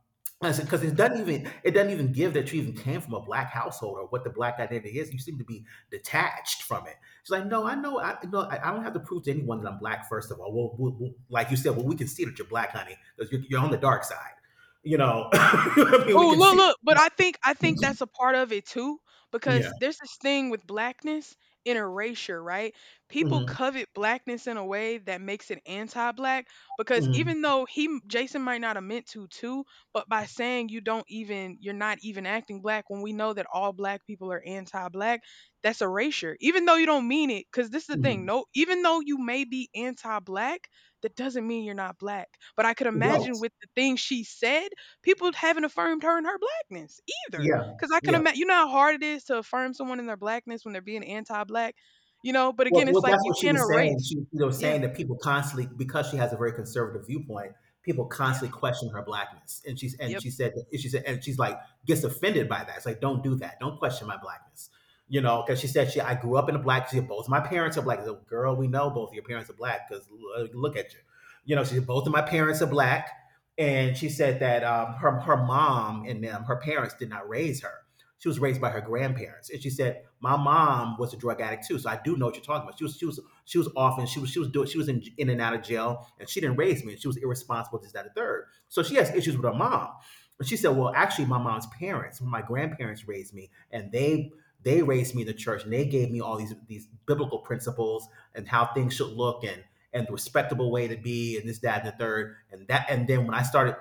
[SPEAKER 2] because it doesn't even give that you even came from a black household or what the black identity is. You seem to be detached from it. She's like, "No, I know, I no, I don't have to prove to anyone that I'm black. First of all, well, we'll like you said, well, we can see that you're black, honey, because you're on the dark side. You know," I mean, we
[SPEAKER 1] Oh,
[SPEAKER 2] can see.
[SPEAKER 1] look, but I think that's a part of it too, because
[SPEAKER 2] Yeah.
[SPEAKER 1] there's this thing with blackness and erasure, right? People
[SPEAKER 2] Mhm,
[SPEAKER 1] covet blackness in a way that makes it anti-black because
[SPEAKER 2] mhm,
[SPEAKER 1] even though Jason might not have meant to too, but by saying you don't even you're not even acting black when we know that all black people are anti-black, that's erasure. Even though you don't mean it, because this is the thing,
[SPEAKER 2] mhm.
[SPEAKER 1] no, even though you may be anti-black, that doesn't mean you're not black. But I could
[SPEAKER 2] Right.
[SPEAKER 1] imagine with the thing she said people haven't affirmed her in her blackness either.
[SPEAKER 2] Yeah,
[SPEAKER 1] Because I can
[SPEAKER 2] yeah.
[SPEAKER 1] imagine, you know how hard it is to affirm someone in their blackness when they're being anti-black, you know. But
[SPEAKER 2] Well
[SPEAKER 1] again, it's
[SPEAKER 2] well,
[SPEAKER 1] like
[SPEAKER 2] that's
[SPEAKER 1] you
[SPEAKER 2] what she
[SPEAKER 1] can't
[SPEAKER 2] was saying.
[SPEAKER 1] erase.
[SPEAKER 2] She, you know,
[SPEAKER 1] Yeah,
[SPEAKER 2] saying that people constantly, because she has a very conservative viewpoint, people
[SPEAKER 1] yeah,
[SPEAKER 2] constantly question her blackness. And
[SPEAKER 1] yep.
[SPEAKER 2] she said and she's like, gets offended by that. It's like, "Don't do that. Don't question my blackness." You know, because she said, she "I grew up in a black —" she said, "Both my parents are black." I said, "Girl, we know both your parents are black because look at you." You know, she said, "Both of my parents are black." And she said that, her mom and them, her parents did not raise her. She was raised by her grandparents, and she said, "My mom was a drug addict too, so I do know what you're talking about. She was off, and she was in and out of jail, and she didn't raise me, and she was irresponsible, this, that, and the third. So she has issues with her mom." And she said, "Well, actually, my mom's parents, my grandparents raised me, and they raised me in the church, and they gave me all these biblical principles and how things should look, and the respectable way to be, and this, that, and the third, and that. And then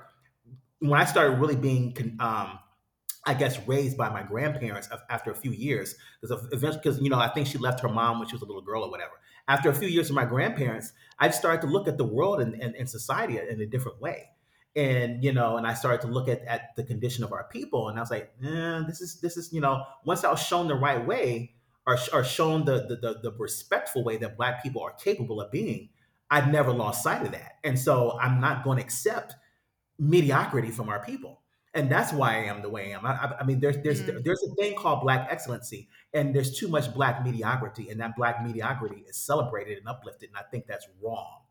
[SPEAKER 2] when I started really being, um, I guess, raised by my grandparents after a few years, because eventually, because I think she left her mom when she was a little girl or whatever. After a few years with my grandparents, I started to look at the world and, and society in a different way, and, and I started to look at, the condition of our people, and I was like, eh, this is, once I was shown the right way, or, shown the, the respectful way that black people are capable of being, I'd never lost sight of that, and so I'm not going to accept mediocrity from our people. And that's why I am the way I am. I mean,
[SPEAKER 1] Mm,
[SPEAKER 2] there's a thing called black excellency, and there's too much black mediocrity, and that black mediocrity is celebrated and uplifted, and I think that's wrong.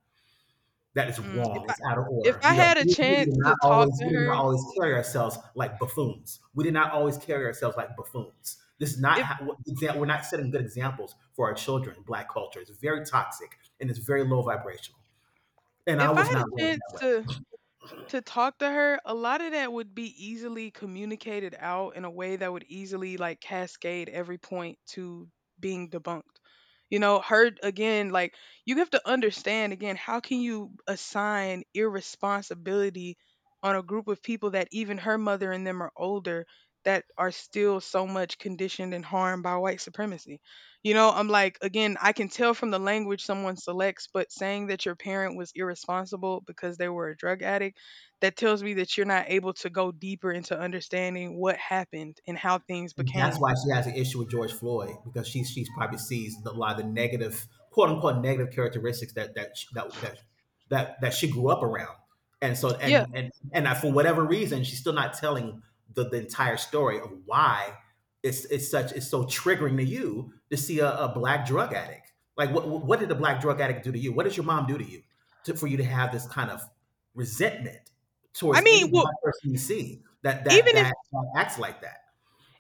[SPEAKER 2] That is
[SPEAKER 1] mm.
[SPEAKER 2] wrong. It's out of
[SPEAKER 1] If
[SPEAKER 2] order.
[SPEAKER 1] I had a
[SPEAKER 2] We did
[SPEAKER 1] chance to
[SPEAKER 2] not
[SPEAKER 1] talk
[SPEAKER 2] always
[SPEAKER 1] to
[SPEAKER 2] we did not
[SPEAKER 1] her,
[SPEAKER 2] always carry ourselves like buffoons. We did not always carry ourselves like buffoons. This is not
[SPEAKER 1] if
[SPEAKER 2] how we're not setting good examples for our children. Black culture is very toxic and it's very low vibrational. And I
[SPEAKER 1] if I
[SPEAKER 2] was
[SPEAKER 1] had
[SPEAKER 2] not
[SPEAKER 1] a
[SPEAKER 2] raised
[SPEAKER 1] chance
[SPEAKER 2] that way.
[SPEAKER 1] to talk to her, a lot of that would be easily communicated out in a way that would easily like cascade every point to being debunked. You know, her again, like you have to understand again, how can you assign irresponsibility on a group of people that even her mother and them are older that are still so much conditioned and harmed by white supremacy? You know, I'm like, again, I can tell from the language someone selects, but saying that your parent was irresponsible because they were a drug addict that tells me that you're not able to go deeper into understanding what happened and how things
[SPEAKER 2] That's
[SPEAKER 1] became.
[SPEAKER 2] why she has an issue with George Floyd, because she's probably sees a lot of the negative, quote unquote, negative characteristics that that she grew up around, and so,
[SPEAKER 1] Yeah.
[SPEAKER 2] and I, for whatever reason, she's still not telling the entire story of why it's so triggering to you to see a, black drug addict. Like, what did a black drug addict do to you? What does your mom do to you, to, for you to have this kind of resentment
[SPEAKER 1] I
[SPEAKER 2] towards any
[SPEAKER 1] mean, well,
[SPEAKER 2] black person you see that
[SPEAKER 1] even if
[SPEAKER 2] acts like that?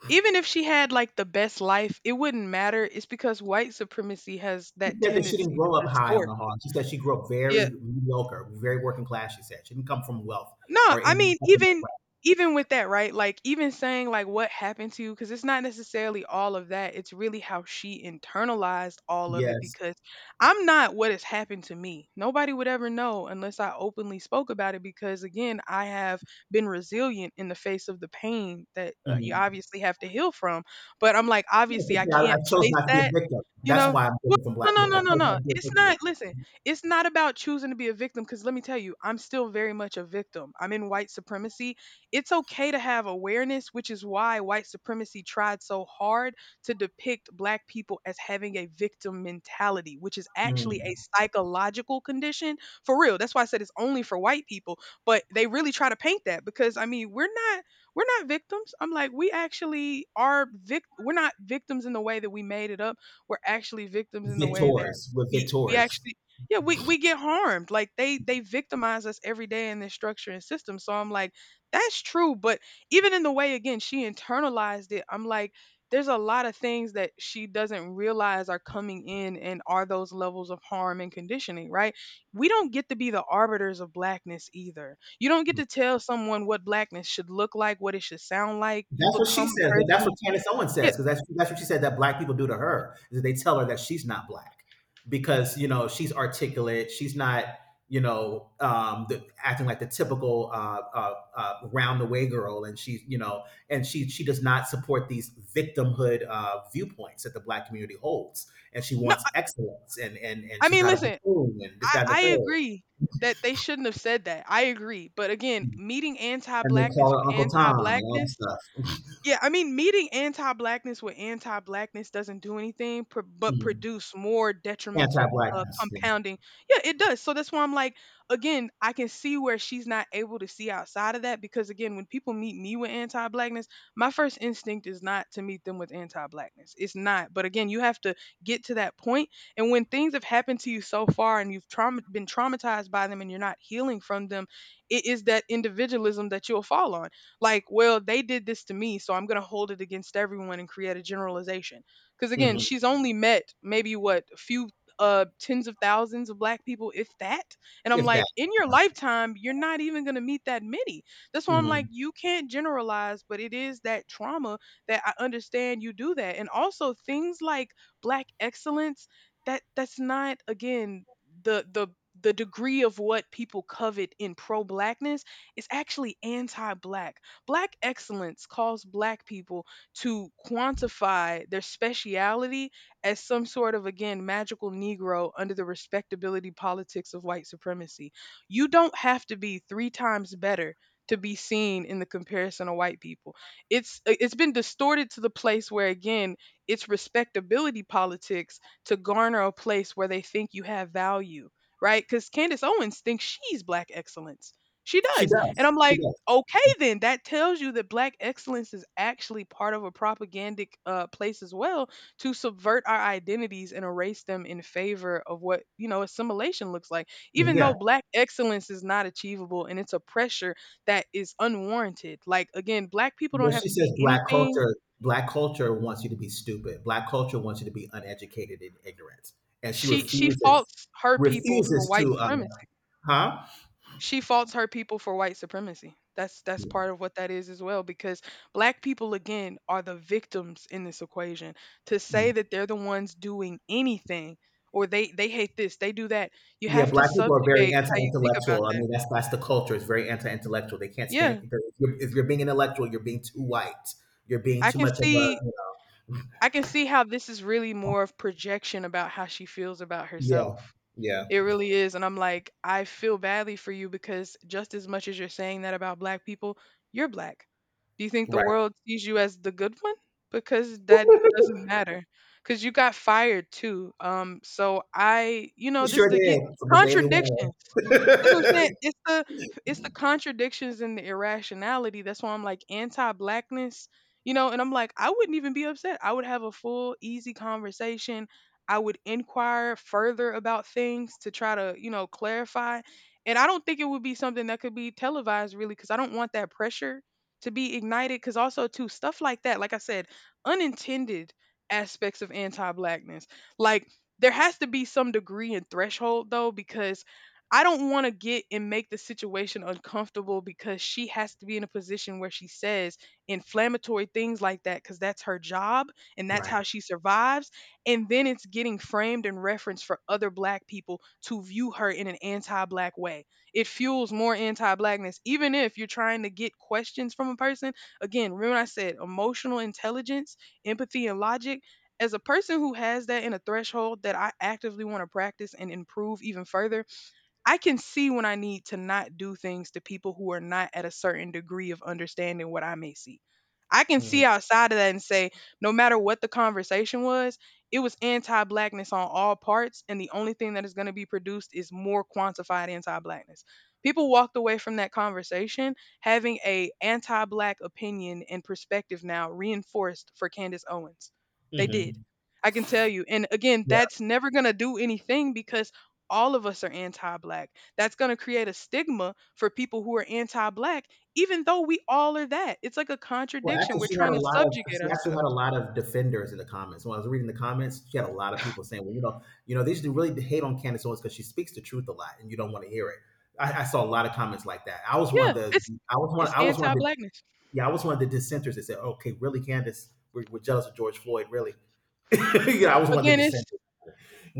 [SPEAKER 1] even if she had like the best life, it wouldn't matter. It's because white supremacy has
[SPEAKER 2] She
[SPEAKER 1] that
[SPEAKER 2] said that she didn't
[SPEAKER 1] tendency to
[SPEAKER 2] grow up high on
[SPEAKER 1] distort.
[SPEAKER 2] the hog. She said she grew up
[SPEAKER 1] Yeah.
[SPEAKER 2] very mediocre, very working class. She said she didn't come from wealth
[SPEAKER 1] No,
[SPEAKER 2] or
[SPEAKER 1] I
[SPEAKER 2] any.
[SPEAKER 1] mean, even even with that, right? Like even saying like what happened to you, because it's not necessarily all of that. It's really how she internalized all of it
[SPEAKER 2] Yes.
[SPEAKER 1] because I'm not what has happened to me. Nobody would ever know unless I openly spoke about it because again, I have been resilient in the face of the pain that you
[SPEAKER 2] Mhm.
[SPEAKER 1] obviously have to heal from. But I'm like,
[SPEAKER 2] Yeah, she
[SPEAKER 1] obviously I
[SPEAKER 2] said, I
[SPEAKER 1] can't
[SPEAKER 2] chose
[SPEAKER 1] place
[SPEAKER 2] not to be
[SPEAKER 1] that,
[SPEAKER 2] a victim.
[SPEAKER 1] you
[SPEAKER 2] That's
[SPEAKER 1] know?
[SPEAKER 2] why I'm
[SPEAKER 1] Well,
[SPEAKER 2] different from black people. I chose not
[SPEAKER 1] no.
[SPEAKER 2] to be a
[SPEAKER 1] It's
[SPEAKER 2] victim.
[SPEAKER 1] not. Listen, it's not about choosing to be a victim because let me tell you, I'm still very much a victim. I'm in white supremacy. It's okay to have awareness, which is why white supremacy tried so hard to depict black people as having a victim mentality, which is actually a
[SPEAKER 2] Mhm.
[SPEAKER 1] psychological condition for real. That's why I said it's only for white people, but they really try to paint that because I mean, we're not victims. I'm like, we actually are we're not victims in the way that we made it up. We're actually victims in the way that
[SPEAKER 2] Victors. We're
[SPEAKER 1] we
[SPEAKER 2] victors.
[SPEAKER 1] actually yeah we get harmed like they victimize us every day in this structure and system, so I'm like that's true but even in the way again she internalized it, I'm like there's a lot of things that she doesn't realize are coming in and are those levels of harm and conditioning, right? We don't get to be the arbiters of blackness either. You don't get
[SPEAKER 2] Mm-hmm.
[SPEAKER 1] to tell someone what blackness should look like, what it should sound like. You
[SPEAKER 2] That's what
[SPEAKER 1] become
[SPEAKER 2] she
[SPEAKER 1] a
[SPEAKER 2] says, but
[SPEAKER 1] person
[SPEAKER 2] that's what
[SPEAKER 1] who's
[SPEAKER 2] Candace Owens
[SPEAKER 1] yeah
[SPEAKER 2] says, because that's what she said that black people do to her, is that they tell her that she's not black, because, you know, she's articulate, she's not, you know, acting like the typical, round the way girl, and she's, you know, and she does not support these victimhood, viewpoints that the black community holds, and she
[SPEAKER 1] no
[SPEAKER 2] wants excellence, and
[SPEAKER 1] I
[SPEAKER 2] she's
[SPEAKER 1] mean
[SPEAKER 2] not a
[SPEAKER 1] listen
[SPEAKER 2] buffoon, and this that and the
[SPEAKER 1] I
[SPEAKER 2] third,
[SPEAKER 1] agree that they shouldn't have said that. I agree. But again, meeting anti
[SPEAKER 2] and they
[SPEAKER 1] blackness
[SPEAKER 2] call
[SPEAKER 1] with
[SPEAKER 2] her Uncle
[SPEAKER 1] anti
[SPEAKER 2] Tom and all this
[SPEAKER 1] blackness, yeah, I mean, meeting anti-blackness with anti-blackness doesn't do anything, but
[SPEAKER 2] stuff.
[SPEAKER 1] produce more
[SPEAKER 2] Anti
[SPEAKER 1] detrimental
[SPEAKER 2] blackness, yeah.
[SPEAKER 1] compounding. Yeah, it does. So that's why I'm like, again, I can see where she's not able to see outside of that because, again, when people meet me with anti-blackness, my first instinct is not to meet them with anti-blackness. It's not. But again, you have to get to that point. And when things have happened to you so far and you've trauma been traumatized by them and you're not healing from them, it is that individualism that you'll fall on like, well, they did this to me, so I'm going to hold it against everyone and create a generalization. Because again,
[SPEAKER 2] Hmm.
[SPEAKER 1] she's only met maybe what a few tens of thousands of black people, if that. And I'm
[SPEAKER 2] If that.
[SPEAKER 1] like, in your
[SPEAKER 2] Yeah.
[SPEAKER 1] lifetime, you're not even going to meet that many. That's why I'm like,
[SPEAKER 2] Mhm.
[SPEAKER 1] you can't generalize, but it is that trauma that I understand you do that. And also things like black excellence, that that's not again the the degree of what people covet in pro blackness is actually anti black. Black excellence calls black people to quantify their speciality as some sort of, again, magical Negro under the respectability politics of white supremacy. You don't have to be three times better to be seen in the comparison of white people. It's been distorted to the place where again it's respectability politics to garner a place where they think you have value, right? Because Candace Owens thinks she's black excellence. She
[SPEAKER 2] She
[SPEAKER 1] does. And
[SPEAKER 2] does.
[SPEAKER 1] I'm
[SPEAKER 2] She
[SPEAKER 1] like,
[SPEAKER 2] does.
[SPEAKER 1] okay, then that tells you that black excellence is actually part of a propagandic place as well to subvert our identities and erase them in favor of what assimilation looks like. Even
[SPEAKER 2] Yeah.
[SPEAKER 1] though black excellence is not achievable and it's a pressure that is unwarranted. Like again, black people don't
[SPEAKER 2] Well,
[SPEAKER 1] have
[SPEAKER 2] she
[SPEAKER 1] to be
[SPEAKER 2] says, black
[SPEAKER 1] anything.
[SPEAKER 2] culture, black culture wants you to be stupid. Black culture wants you to be uneducated and ignorant. And she
[SPEAKER 1] She
[SPEAKER 2] refuses,
[SPEAKER 1] faults her people for
[SPEAKER 2] refuses
[SPEAKER 1] white
[SPEAKER 2] to.
[SPEAKER 1] supremacy.
[SPEAKER 2] Huh?
[SPEAKER 1] She faults her people for white supremacy. That's part of what that is as well because black people again are the victims in this equation. To say
[SPEAKER 2] Mm.
[SPEAKER 1] that they're the ones doing anything or they hate this, they do that. You
[SPEAKER 2] Yeah.
[SPEAKER 1] have to
[SPEAKER 2] Black people are very
[SPEAKER 1] subjugate how you think about
[SPEAKER 2] anti-intellectual. I
[SPEAKER 1] that.
[SPEAKER 2] mean, that's the culture. It's very anti-intellectual. They can't stand.
[SPEAKER 1] Yeah,
[SPEAKER 2] If you're, being intellectual, you're being too white. You're being
[SPEAKER 1] I
[SPEAKER 2] too
[SPEAKER 1] can
[SPEAKER 2] much of a.
[SPEAKER 1] see
[SPEAKER 2] You know,
[SPEAKER 1] I can see how this is really more of projection about how she feels about
[SPEAKER 2] yeah.
[SPEAKER 1] herself.
[SPEAKER 2] Yeah.
[SPEAKER 1] It really is. And I'm like, I feel badly for you because just as much as you're saying that about black people, you're black. Do you think the
[SPEAKER 2] Right.
[SPEAKER 1] world sees you as the good one? Because that doesn't matter. Because you got fired too. So I
[SPEAKER 2] You
[SPEAKER 1] this
[SPEAKER 2] sure
[SPEAKER 1] to get
[SPEAKER 2] did from the Daily Wire.
[SPEAKER 1] contradictions. That's what I'm saying. It's the contradictions and the irrationality. That's why I'm like anti-blackness, And I'm like, I wouldn't even be upset. I would have a full, easy conversation. I would inquire further about things to try to, clarify. And I don't think it would be something that could be televised really because I don't want that pressure to be ignited. Because also, too, stuff like that, like I said, unintended aspects of anti blackness. Like, there has to be some degree and threshold though, because I don't want to get and make the situation uncomfortable because she has to be in a position where she says inflammatory things like that because that's her job and that's
[SPEAKER 2] Right.
[SPEAKER 1] how she survives, and then it's getting framed and referenced for other black people to view her in an anti-black way. It fuels more anti-blackness even if you're trying to get questions from a person. Again, remember I said emotional intelligence, empathy, and logic. As a person who has that in a threshold that I actively want to practice and improve even further, I can see when I need to not do things to people who are not at a certain degree of understanding what I may see. I can
[SPEAKER 2] Mm-hmm.
[SPEAKER 1] see outside of that and say, no matter what the conversation was, it was anti blackness on all parts. And the only thing that is going to be produced is more quantified anti blackness. People walked away from that conversation having a anti black opinion and perspective now reinforced for Candace Owens. They did.
[SPEAKER 2] Mm-hmm.
[SPEAKER 1] I can tell you. And again, that's never going to do anything because all of us are anti-black. That's going to create a stigma for people who are anti-black even though we all are that. It's like a
[SPEAKER 2] Well,
[SPEAKER 1] contradiction.
[SPEAKER 2] actually,
[SPEAKER 1] We're
[SPEAKER 2] she had
[SPEAKER 1] trying
[SPEAKER 2] a
[SPEAKER 1] to
[SPEAKER 2] lot of,
[SPEAKER 1] subjugate
[SPEAKER 2] she actually had a
[SPEAKER 1] ourselves.
[SPEAKER 2] lot of defenders in the comments. When I was reading the comments, she had a lot of people saying, "Well, you know, they should really hate on Candace Owens because she speaks the truth a lot, and you don't want to hear it." I saw a lot of comments like that.
[SPEAKER 1] Yeah, it's it's
[SPEAKER 2] I was one of the
[SPEAKER 1] anti-blackness.
[SPEAKER 2] Yeah, I was one of the dissenters that said, "Okay, really, Candace, we're, jealous of George Floyd, really." Yeah, I was one of the
[SPEAKER 1] Again, it's
[SPEAKER 2] dissenters.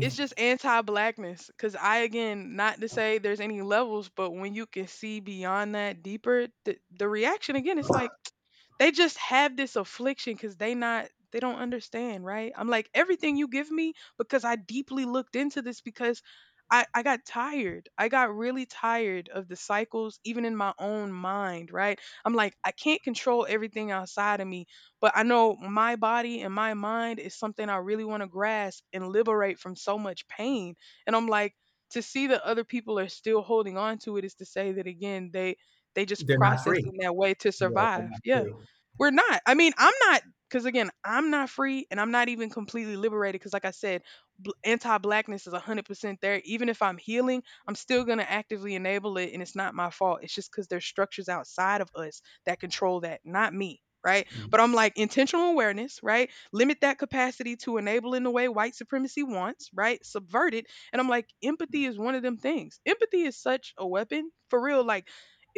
[SPEAKER 1] it's just anti-blackness because I again not to say there's any levels but when you can see beyond that deeper the reaction, again it's like they just have this affliction because they not they don't understand, right? I'm like, everything you give me, because I deeply looked into this, because I got tired, I got really tired of the cycles even in my own mind. Right, I'm like, I can't control everything outside of me, but I know my body and my mind is something I really want to grasp and liberate from so much pain. And I'm like, to see that other people are still holding on to it is to say that again, they just
[SPEAKER 2] They're not
[SPEAKER 1] process
[SPEAKER 2] free.
[SPEAKER 1] in that way to
[SPEAKER 2] Yeah, they're
[SPEAKER 1] survive.
[SPEAKER 2] not
[SPEAKER 1] Yeah.
[SPEAKER 2] free.
[SPEAKER 1] We're not. I mean, I'm not because again, I'm not free and I'm not even completely liberated because like I said, anti-blackness is 100% there. Even if I'm healing, I'm still going to actively enable it and it's not my fault. It's just cuz there's structures outside of us that control that, not me. Right.
[SPEAKER 2] Mm.
[SPEAKER 1] But I'm like intentional awareness, right? Limit that capacity to enable in the way white supremacy wants, right? Subvert it. And I'm like, empathy is one of them things. Empathy is such a weapon for real. Like,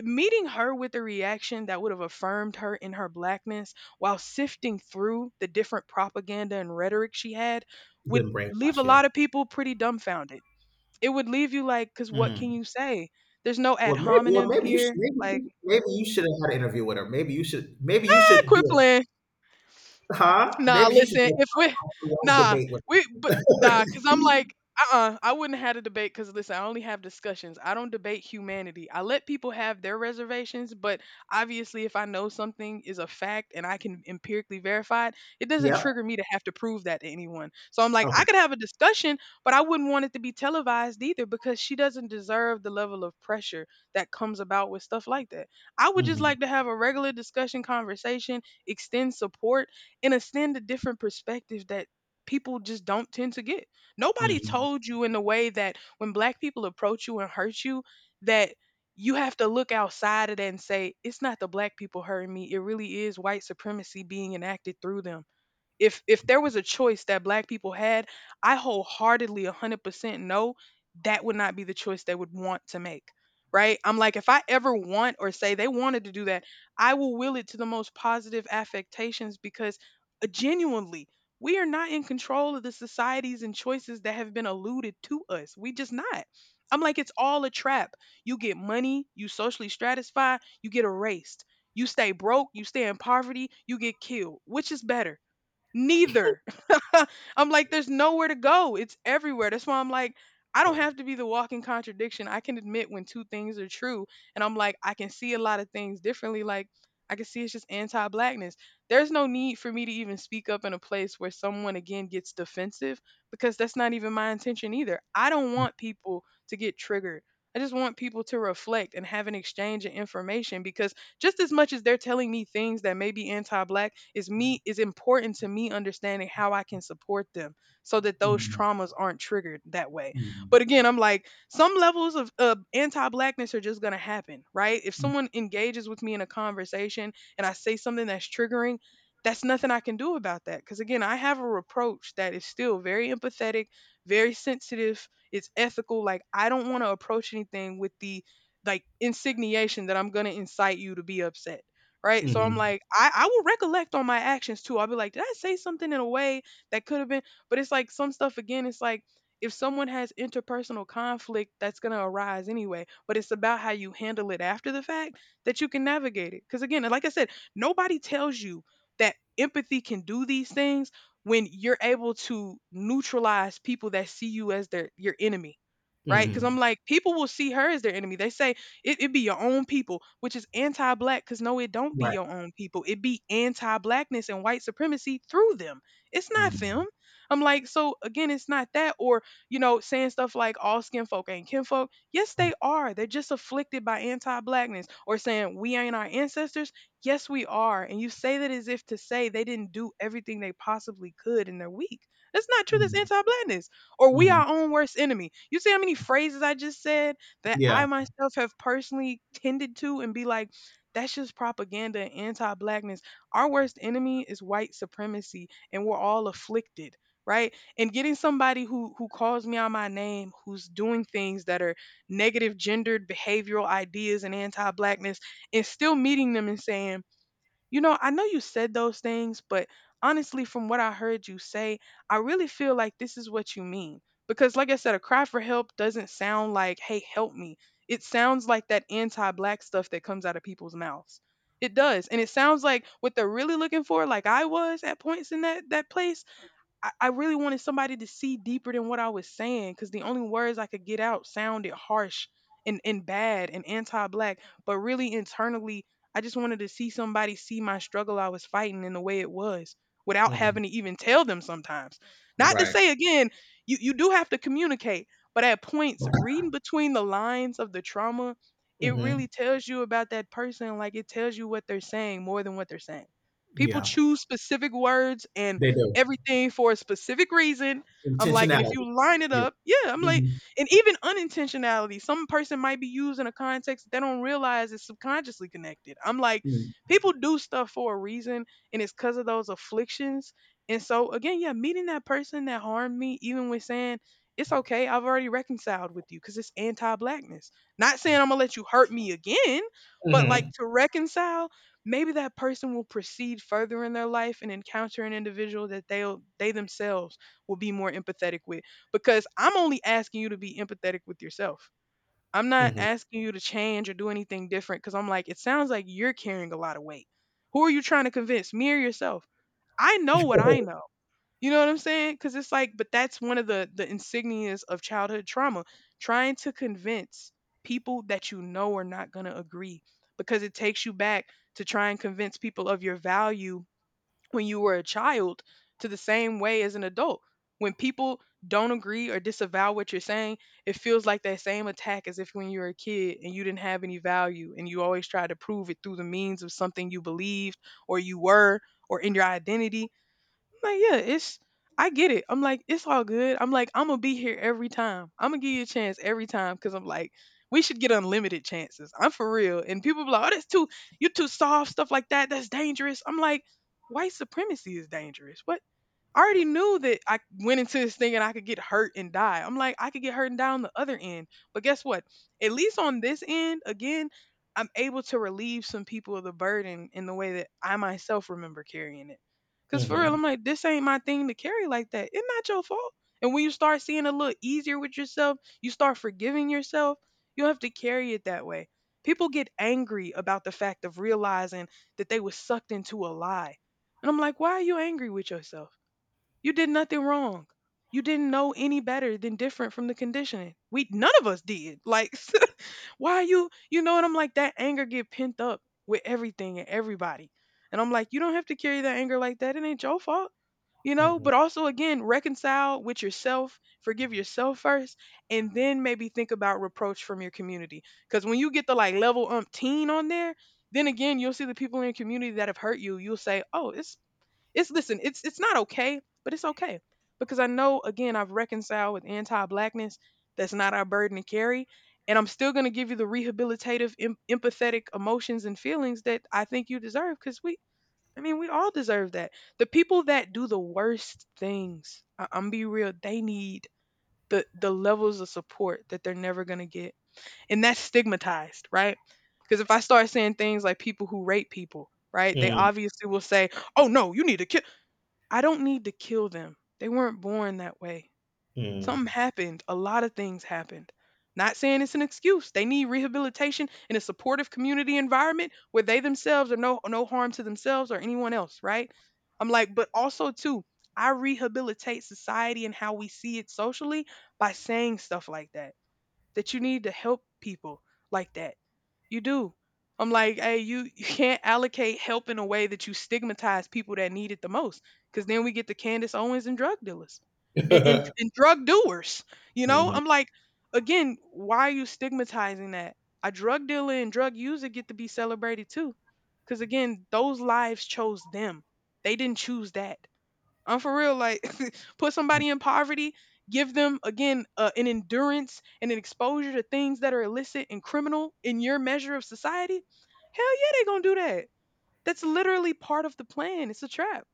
[SPEAKER 1] meeting her with a reaction that would have affirmed her in her blackness while sifting through the different propaganda and rhetoric she had would
[SPEAKER 2] Been
[SPEAKER 1] leave a
[SPEAKER 2] brainwashed. Yeah.
[SPEAKER 1] lot of people pretty dumbfounded. It would leave you like, because what can
[SPEAKER 2] Mm.
[SPEAKER 1] you say? There's no ad
[SPEAKER 2] Well, maybe,
[SPEAKER 1] hominem
[SPEAKER 2] you should,
[SPEAKER 1] here. Like,
[SPEAKER 2] maybe, maybe you should have had an interview with her. Maybe you
[SPEAKER 1] I
[SPEAKER 2] should
[SPEAKER 1] quit
[SPEAKER 2] do.
[SPEAKER 1] playing.
[SPEAKER 2] Huh?
[SPEAKER 1] Nah,
[SPEAKER 2] Maybe you should
[SPEAKER 1] listen,
[SPEAKER 2] go
[SPEAKER 1] if we
[SPEAKER 2] on a long
[SPEAKER 1] nah,
[SPEAKER 2] debate with
[SPEAKER 1] cause I'm like, uh-uh, I wouldn't have had a debate because listen, I only have discussions. I don't debate humanity. I let people have their reservations, but obviously if I know something is a fact and I can empirically verify it, it
[SPEAKER 2] me.
[SPEAKER 1] doesn't
[SPEAKER 2] Yep.
[SPEAKER 1] trigger me to have to prove that to anyone. So I'm like, I
[SPEAKER 2] Okay.
[SPEAKER 1] could have a discussion, but I wouldn't want it to be televised either because she doesn't deserve the level of pressure that comes about with stuff like that. I would just
[SPEAKER 2] Mhm.
[SPEAKER 1] like to have a regular discussion conversation, extend support and extend a different perspective that people just don't tend to get. Nobody
[SPEAKER 2] Mhm.
[SPEAKER 1] told you in the way that when black people approach you and hurt you, that you have to look outside of that and say, it's not the black people hurting me. It really is white supremacy being enacted through them. If there was a choice that black people had, I wholeheartedly 100% know that would not be the choice they would want to make. Right, I'm like, if I ever want or say they wanted to do that, I will it to the most positive affectations because genuinely we are not in control of the societies and choices that have been alluded to us. We just not. I'm like, it's all a trap. You get money, you socially stratify, you get erased. You stay broke, you stay in poverty, you get killed. Which is better? Neither. I'm like, there's nowhere to go. It's everywhere. That's why I'm like, I don't have to be the walking contradiction. I can admit when two things are true. And I'm like, I can see a lot of things differently. Like, I can see it's just anti blackness. There's no need for me to even speak up in a place where someone again gets defensive because that's not even my intention either. I don't want people to get triggered. I just want people to reflect and have an exchange of information because just as much as they're telling me things that may be anti-black is me is important to me understanding how I can support them so that those
[SPEAKER 2] Mhm.
[SPEAKER 1] traumas aren't triggered that way.
[SPEAKER 2] Mhm.
[SPEAKER 1] But again, I'm like, some levels of, anti-blackness are just going to happen. Right, if someone engages with me in a conversation and I say something that's triggering, that's nothing I can do about that because again I have a approach that is still very empathetic, very sensitive, it's ethical. Like I don't want to approach anything with the like insinuation that I'm gonna incite you to be upset. Right. So I'm
[SPEAKER 2] Mhm.
[SPEAKER 1] like, I will recollect on my actions too. I'll be like, did I say something in a way that could have been, but it's like some stuff again, it's like if someone has interpersonal conflict, that's gonna arise anyway. But it's about how you handle it after the fact that you can navigate it. Because again, like I said, nobody tells you that empathy can do these things when you're able to neutralize people that see you as their your enemy, right? Because I'm
[SPEAKER 2] Mhm.
[SPEAKER 1] like, people will see her as their enemy. They say it be your own people, which is anti-black. Because no, it don't be
[SPEAKER 2] Right.
[SPEAKER 1] your own people. It be anti-blackness and white supremacy through them. It's not them.
[SPEAKER 2] Mhm.
[SPEAKER 1] I'm like, so again, it's not that. Or, you know, saying stuff like all skin folk ain't kinfolk. Yes, they are. They're just afflicted by anti-blackness. Or saying we ain't our ancestors. Yes, we are. And you say that as if to say they didn't do everything they possibly could and they're weak. That's not true. That's
[SPEAKER 2] Mhm.
[SPEAKER 1] anti-blackness. Or we
[SPEAKER 2] Mhm.
[SPEAKER 1] our own worst enemy. You see how many phrases I just said that
[SPEAKER 2] Yeah.
[SPEAKER 1] I myself have personally tended to and be like, that's just propaganda and anti blackness? Our worst enemy is white supremacy, and we're all afflicted. Right. And getting somebody who calls me out my name, who's doing things that are negative gendered behavioral ideas and anti blackness, and still meeting them and saying, you know, I know you said those things, but honestly, from what I heard you say, I really feel like this is what you mean. Because, like I said, a cry for help doesn't sound like, hey, help me. It sounds like that anti black stuff that comes out of people's mouths. It does. And it sounds like what they're really looking for, like I was at points in that place, I really wanted somebody to see deeper than what I was saying because the only words I could get out sounded harsh and bad and anti black. But really, internally, I just wanted to see somebody see my struggle I was fighting and the way it was without
[SPEAKER 2] Mhm.
[SPEAKER 1] having to even tell them sometimes. Not to
[SPEAKER 2] Right.
[SPEAKER 1] say again, you do have to communicate, but at points, reading between the lines of the trauma, it
[SPEAKER 2] Mhm.
[SPEAKER 1] really tells you about that person. Like it tells you what they're saying more than what they're. People
[SPEAKER 2] Yeah.
[SPEAKER 1] choose specific words and
[SPEAKER 2] They do.
[SPEAKER 1] everything for a specific reason. I'm like, and if
[SPEAKER 2] Intentionality.
[SPEAKER 1] you line it
[SPEAKER 2] Yeah.
[SPEAKER 1] up, yeah, I'm like,
[SPEAKER 2] Mhm.
[SPEAKER 1] and even unintentionality, some person might be used in a context that they don't realize is subconsciously connected. I'm like,
[SPEAKER 2] Mhm.
[SPEAKER 1] people do stuff for a reason, and it's because of those afflictions. And so, again, yeah, meeting that person that harmed me, even with saying, it's okay, I've already reconciled with you because it's anti blackness. Not saying I'm going to let you hurt me again, but like
[SPEAKER 2] Mhm.
[SPEAKER 1] to reconcile, maybe that person will proceed further in their life and encounter an individual that they themselves will be more empathetic with, because I'm only asking you to be empathetic with yourself. I'm not
[SPEAKER 2] Mhm.
[SPEAKER 1] asking you to change or do anything different, because I'm like, it sounds like you're carrying a lot of weight. Who are you trying to convince, me or yourself? I know what I know. You know what I'm saying? Because it's like, but that's one of the insignias of childhood trauma, trying to convince people that you know are not going to agree, because it takes you back to try and convince people of your value when you were a child, to the same way as an adult. When people don't agree or disavow what you're saying, it feels like that same attack as if when you were a kid and you didn't have any value and you always tried to prove it through the means of something you believed or you were or in your identity. I'm like, yeah, it's, I get it. I'm like, it's all good. I'm like, I'm gonna be here every time. I'm gonna give you a chance every time, because I'm like, we should get unlimited chances. I'm for real. And people be like, oh, that's too, you too soft, stuff like that. That's dangerous. I'm like, white supremacy is dangerous. What, I already knew that I went into this thing and I could get hurt and die. I'm like, I could get hurt and die on the other end. But guess what? At least on this end, again, I'm able to relieve some people of the burden in the way that I myself remember carrying it. Cause for real,
[SPEAKER 2] Mhm.
[SPEAKER 1] I'm like, this ain't my thing to carry like that. It's not your fault. And when you start seeing a little easier with yourself, you start forgiving yourself, you don't have to carry it that way. People get angry about the fact of realizing that they were sucked into a lie. And I'm like, why are you angry with yourself? You did nothing wrong. You didn't know any better than different from the conditioning. We, none of us did. Like why are you, you know? And I'm like, that anger get pent up with everything and everybody. And I'm like, you don't have to carry that anger like that. It ain't your fault. You
[SPEAKER 2] Mhm.
[SPEAKER 1] know,
[SPEAKER 2] Mhm.
[SPEAKER 1] but also again, reconcile with yourself, forgive yourself first, and then maybe think about reproach from your community. Because when you get the like level umpteen on there, then again, you'll see the people in your community that have hurt you. You'll say, oh, it's listen, it's not okay, but it's okay because I know again I've reconciled with anti-blackness. That's not our burden to carry, and I'm still going to give you the rehabilitative, empathetic emotions and feelings that I think you deserve because we, I mean, we all deserve that. The people that do the worst things, I'm be real, they need the levels of support that they're never going to get, and that's stigmatized, right? Because if I start saying things like people who rape people, right, they obviously will say, "Oh no, you need to kill." I don't need to kill them. They weren't born that way.
[SPEAKER 2] Mhm.
[SPEAKER 1] Something happened. A lot of things happened. Not saying it's an excuse. They need rehabilitation in a supportive community environment where they themselves are no harm to themselves or anyone else, right? I'm like, but also too, I rehabilitate society and how we see it socially by saying stuff like that, that you need to help people like that. You do. I'm like, hey, you you can't allocate help in a way that you stigmatize people that need it the most, because then we get the Candace Owens and drug dealers, and drug doers. You
[SPEAKER 2] Mhm.
[SPEAKER 1] know,
[SPEAKER 2] Mhm.
[SPEAKER 1] I'm like, again, why are you stigmatizing that? A drug dealer and drug user get to be celebrated too, because again, those lives chose them. They didn't choose that. I'm for real. Like, put somebody in poverty, give them again an endurance and an exposure to things that are illicit and criminal in your measure of society. Hell yeah, they gonna do that. That's literally part of the plan. It's a trap.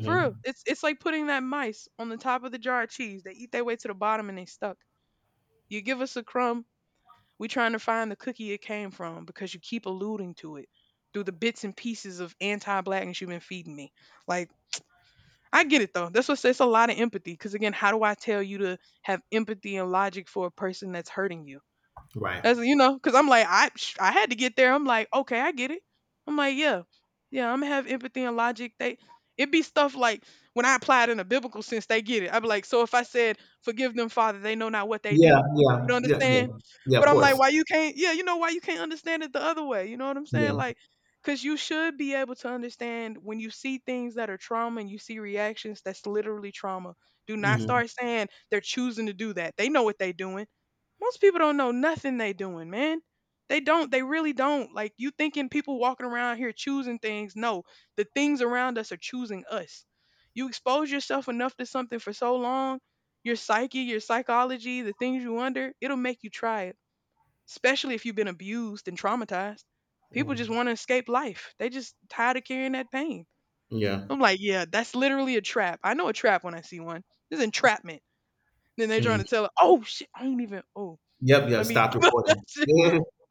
[SPEAKER 1] For real, it's like putting that mice on the top of the jar of cheese. They eat their way to the bottom and they stuck. You give us a crumb, we trying to find the cookie it came from because you keep alluding to it through the bits and pieces of anti-blackness you've been feeding me. Like, I get it though. That's what's it's a lot of empathy. Because again, how do I tell you to have empathy and logic for a person that's hurting you?
[SPEAKER 2] Right.
[SPEAKER 1] As you know, because I'm like, I had to get there. I'm like, okay, I get it. I'm like, yeah, yeah, I'm gonna have empathy and logic. They, it be stuff like when I apply it in a biblical sense, they get it. I'd be like, so if I said, forgive them, Father, they know not what they
[SPEAKER 2] Yeah,
[SPEAKER 1] do, you
[SPEAKER 2] yeah,
[SPEAKER 1] would
[SPEAKER 2] yeah, yeah,
[SPEAKER 1] understand.
[SPEAKER 2] yeah.
[SPEAKER 1] But
[SPEAKER 2] Of
[SPEAKER 1] I'm like,
[SPEAKER 2] course.
[SPEAKER 1] why you can't? Yeah, you know why you can't understand it the other way. You know what I'm saying?
[SPEAKER 2] Yeah.
[SPEAKER 1] Like, because you should be able to understand when you see things that are trauma and you see reactions that's literally trauma. Do not
[SPEAKER 2] Hmm.
[SPEAKER 1] start saying they're choosing to do that. They know what they're doing. Most people don't know nothing they doing, man. They don't. They really don't. Like you thinking people walking around here choosing things. No, the things around us are choosing us. You expose yourself enough to something for so long, your psyche, your psychology, the things you under, it'll make you try it. Especially if you've been abused and traumatized. People just want to escape life. They just tired of carrying that pain.
[SPEAKER 2] Yeah.
[SPEAKER 1] I'm like, yeah, that's literally a trap. I know a trap when I see one. This is entrapment. Then they're trying
[SPEAKER 2] Mm.
[SPEAKER 1] to tell it, oh shit, I ain't even oh
[SPEAKER 2] Yep, yeah,
[SPEAKER 1] let me
[SPEAKER 2] stop recording.